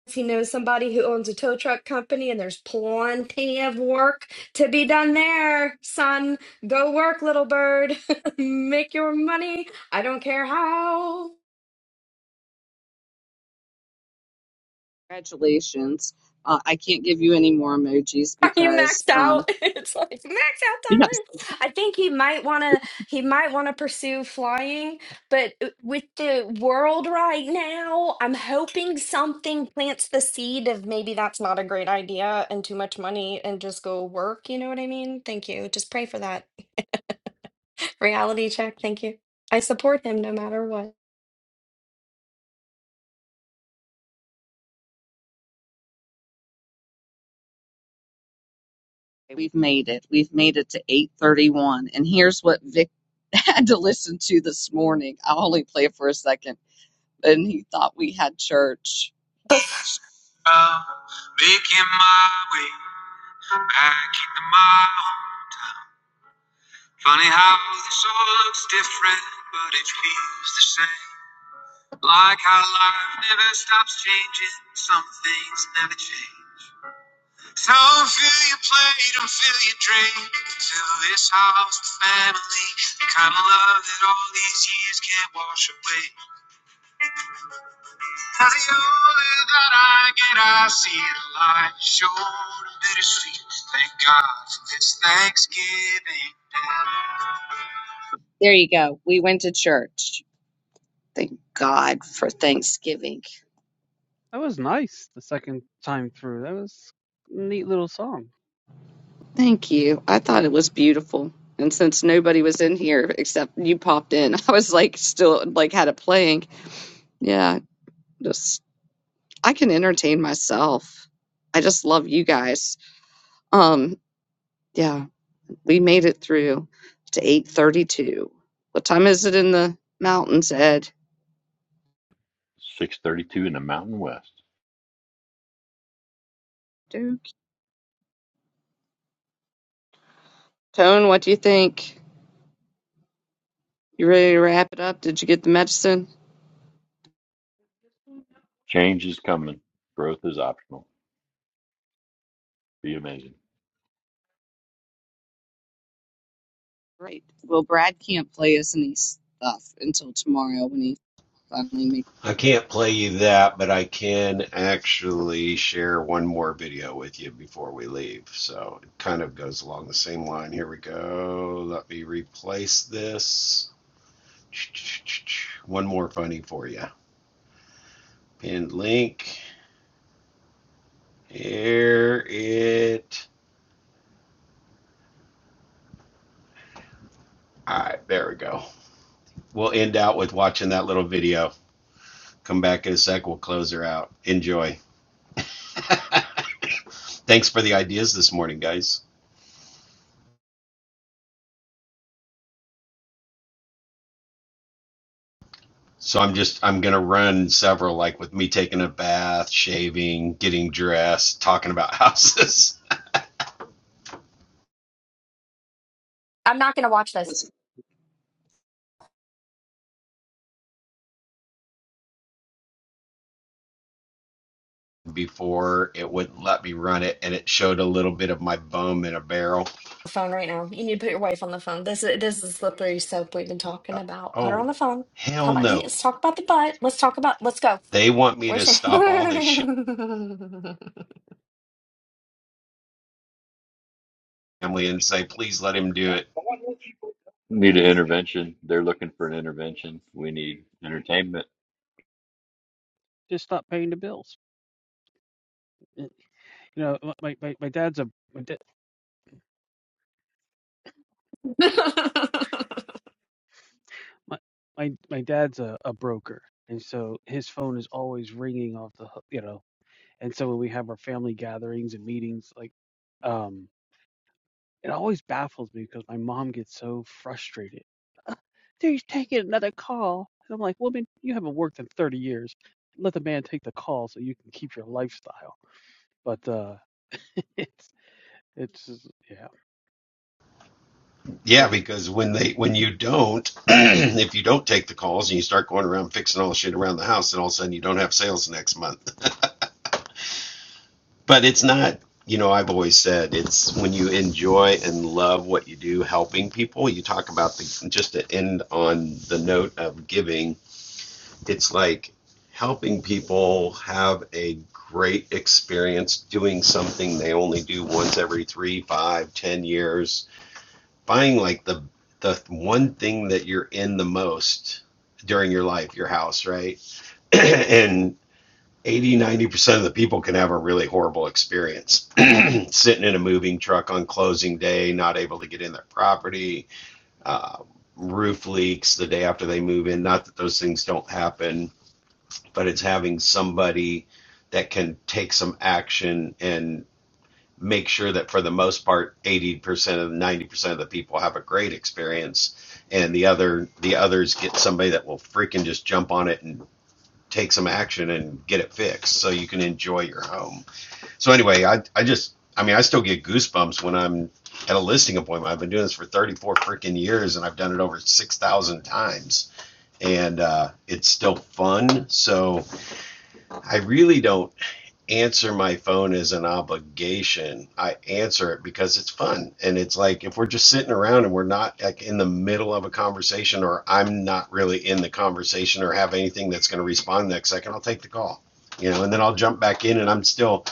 S8: He knows somebody who owns a tow truck company, and there's plenty of work to be done there, son. Go work, little bird. Make your money. I don't care how.
S1: Congratulations. Uh, I can't give you any more emojis
S8: Are you
S1: because
S8: maxed
S1: um,
S8: out? It's like max out
S1: you're not
S8: time. I think he might want to. He might want to pursue flying, but uh, with the world right now, I'm hoping something plants the seed of maybe that's not a great idea and too much money and just go work. You know what I mean? Thank you. Just pray for that reality check. Thank you. I support him no matter what.
S1: We've made it. We've made it to 8:31. And here's what Vic had to listen to this morning. I'll only play it for a second. and he thought we had church.
S8: But
S1: Uh, making my way back into my home. Funny how this all looks different, but it feels the same. Like how life never stops changing, some things never change. So fill your plate and fill your drink. Fill this house with family, the kind of love that all these years can't wash away. Now the only that I get, I see it light, short and bittersweet. Thank God for this Thanksgiving Day. There you go. We went to church. Thank God for Thanksgiving.
S3: That was nice the second time through. That was a neat little song.
S1: Thank you. I thought it was beautiful. And since nobody was in here except you popped in, I was like still like had it playing. Yeah, just I can entertain myself. I just love you guys. Um yeah. We made it through to 8:32. What time is it in the mountains, Ed?
S7: 632 in the Mountain West.
S1: Duke. Tone, what do you think? You ready to wrap it up? Did you get the medicine?
S7: Change is coming. Growth is optional. Be amazing.
S1: Right. Well, Brad can't play us any stuff until tomorrow when he finally makes.
S4: I can't play you that, but I can actually share one more video with you before we leave. So it kind of goes along the same line. Here we go. Let me replace this. One more funny for you. Pinned link. Here it All right, there we go. We'll end out with watching that little video. Come back in a sec. We'll close her out. Enjoy. Thanks for the ideas this morning, guys. So I'm just I'm gonna run several, like with me taking a bath, shaving, getting dressed, talking about houses.
S8: I'm not gonna watch this.
S1: Listen,
S4: Before it wouldn't let me run it, and it showed a little bit of my bum in a barrel.
S8: the phone right now. You need to put your wife on the phone. This is this is the slippery soap we've been talking
S4: Uh,
S8: about. Put her on
S4: oh,
S8: the phone.
S4: hell
S8: Come on,
S4: no!
S8: let's talk about the butt. Let's talk about. Let's go.
S4: They want me
S8: Where's
S4: to
S8: she?
S4: stop all this shit, family, and say, please let him do it
S7: Need an intervention. They're looking for an intervention. We need entertainment.
S3: Just not paying the bills. Y- You know, my my, my dad's a my da- my my my dad's a, a broker and so his phone is always ringing off the hook you know and so when we have our family gatherings and meetings like um it always baffles me because my mom gets so frustrated "Ugh, dude he's taking another call and i'm like woman you haven't worked in 30 years let the man take the call so you can keep your lifestyle but uh it's it's just- yeah it's
S4: Yeah,
S3: crazy
S4: because when they when you don't, if you don't take the calls and you start going around fixing all the shit around the house, then all of a sudden you don't have sales next month. but it's not, you know, I've always said it's when you enjoy and love what you do, helping people. You talk about the just to end on the note of giving. It's like helping people have a great experience doing something they only do once every three, five, ten years buying like the the one thing that you're in the most during your life, your house, right? and eighty ninety percent of the people can have a really horrible experience sitting in a moving truck on closing day not able to get in their property uh, roof leaks the day after they move in not that those things don't happen but it's having somebody that can take some action and make sure that for the most part 80% of 90% of the people have a great experience and the other the others get somebody that will freaking just jump on it and take some action and get it fixed so you can enjoy your home so anyway i, I just i mean i still get goosebumps when i'm at a listing appointment i've been doing this for 34 freaking years and i've done it over 6000 times and uh, it's still fun so i really don't answer my phone as an obligation. I answer it because it's fun. And it's like if we're just sitting around and we're not like in the middle of a conversation or I'm not really in the conversation or have anything that's going to respond next second, I'll take the call. You know, and then I'll jump back in and I'm still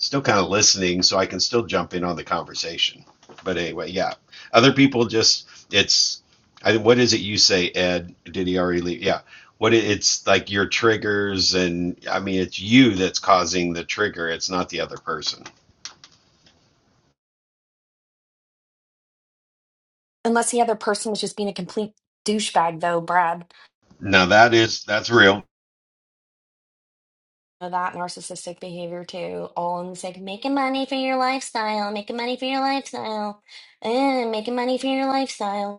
S4: still kind of listening so I can still jump in on the conversation. But anyway, yeah. Other people just it's I, what is it you say, Ed? Did he already leave? Yeah what it, it's like your triggers and i mean it's you that's causing the trigger it's not the other person
S8: Unless the other person was just being a complete douchebag, though, Brad.
S4: now that is that's real
S8: Know That narcissistic behavior too, all in the sake of making money for your lifestyle, making money for your lifestyle, eh, making money for your lifestyle.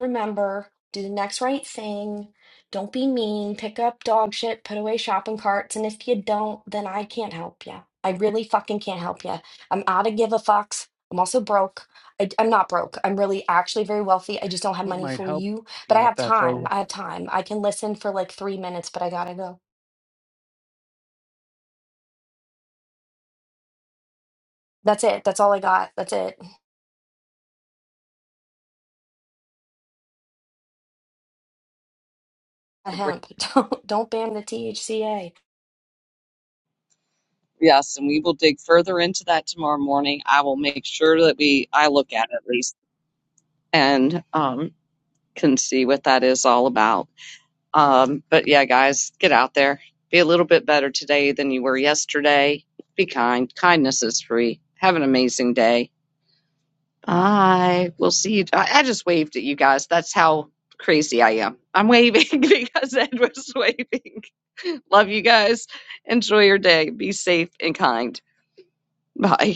S8: Remember, do the next right thing. Don't be mean. Pick up dog shit, put away shopping carts, and if you don't, then I can't help you. I really fucking can't help you. I'm out of give a fucks. I'm also broke. I, am not broke. I'm really actually very wealthy. I just don't have
S3: what
S8: money
S3: might
S8: for
S3: help
S8: you, but I
S3: picking up
S8: have
S3: that phone
S8: time. I have time. I can listen for like three minutes, but I gotta go. That's it. That's all I got. That's it. The
S1: have a great.
S8: hemp. Don't don't ban the THCA.
S1: Yes, and we will dig further into that tomorrow morning. I will make sure that we I look at it at least and um, can see what that is all about. Um, but yeah, guys, get out there. Be a little bit better today than you were yesterday. Be kind. Kindness is free. Have an amazing day. Bye. We'll see you. I, I just waved at you guys. That's how crazy I am. I'm waving because Ed was waving. Love you guys. Enjoy your day. Be safe and kind. Bye.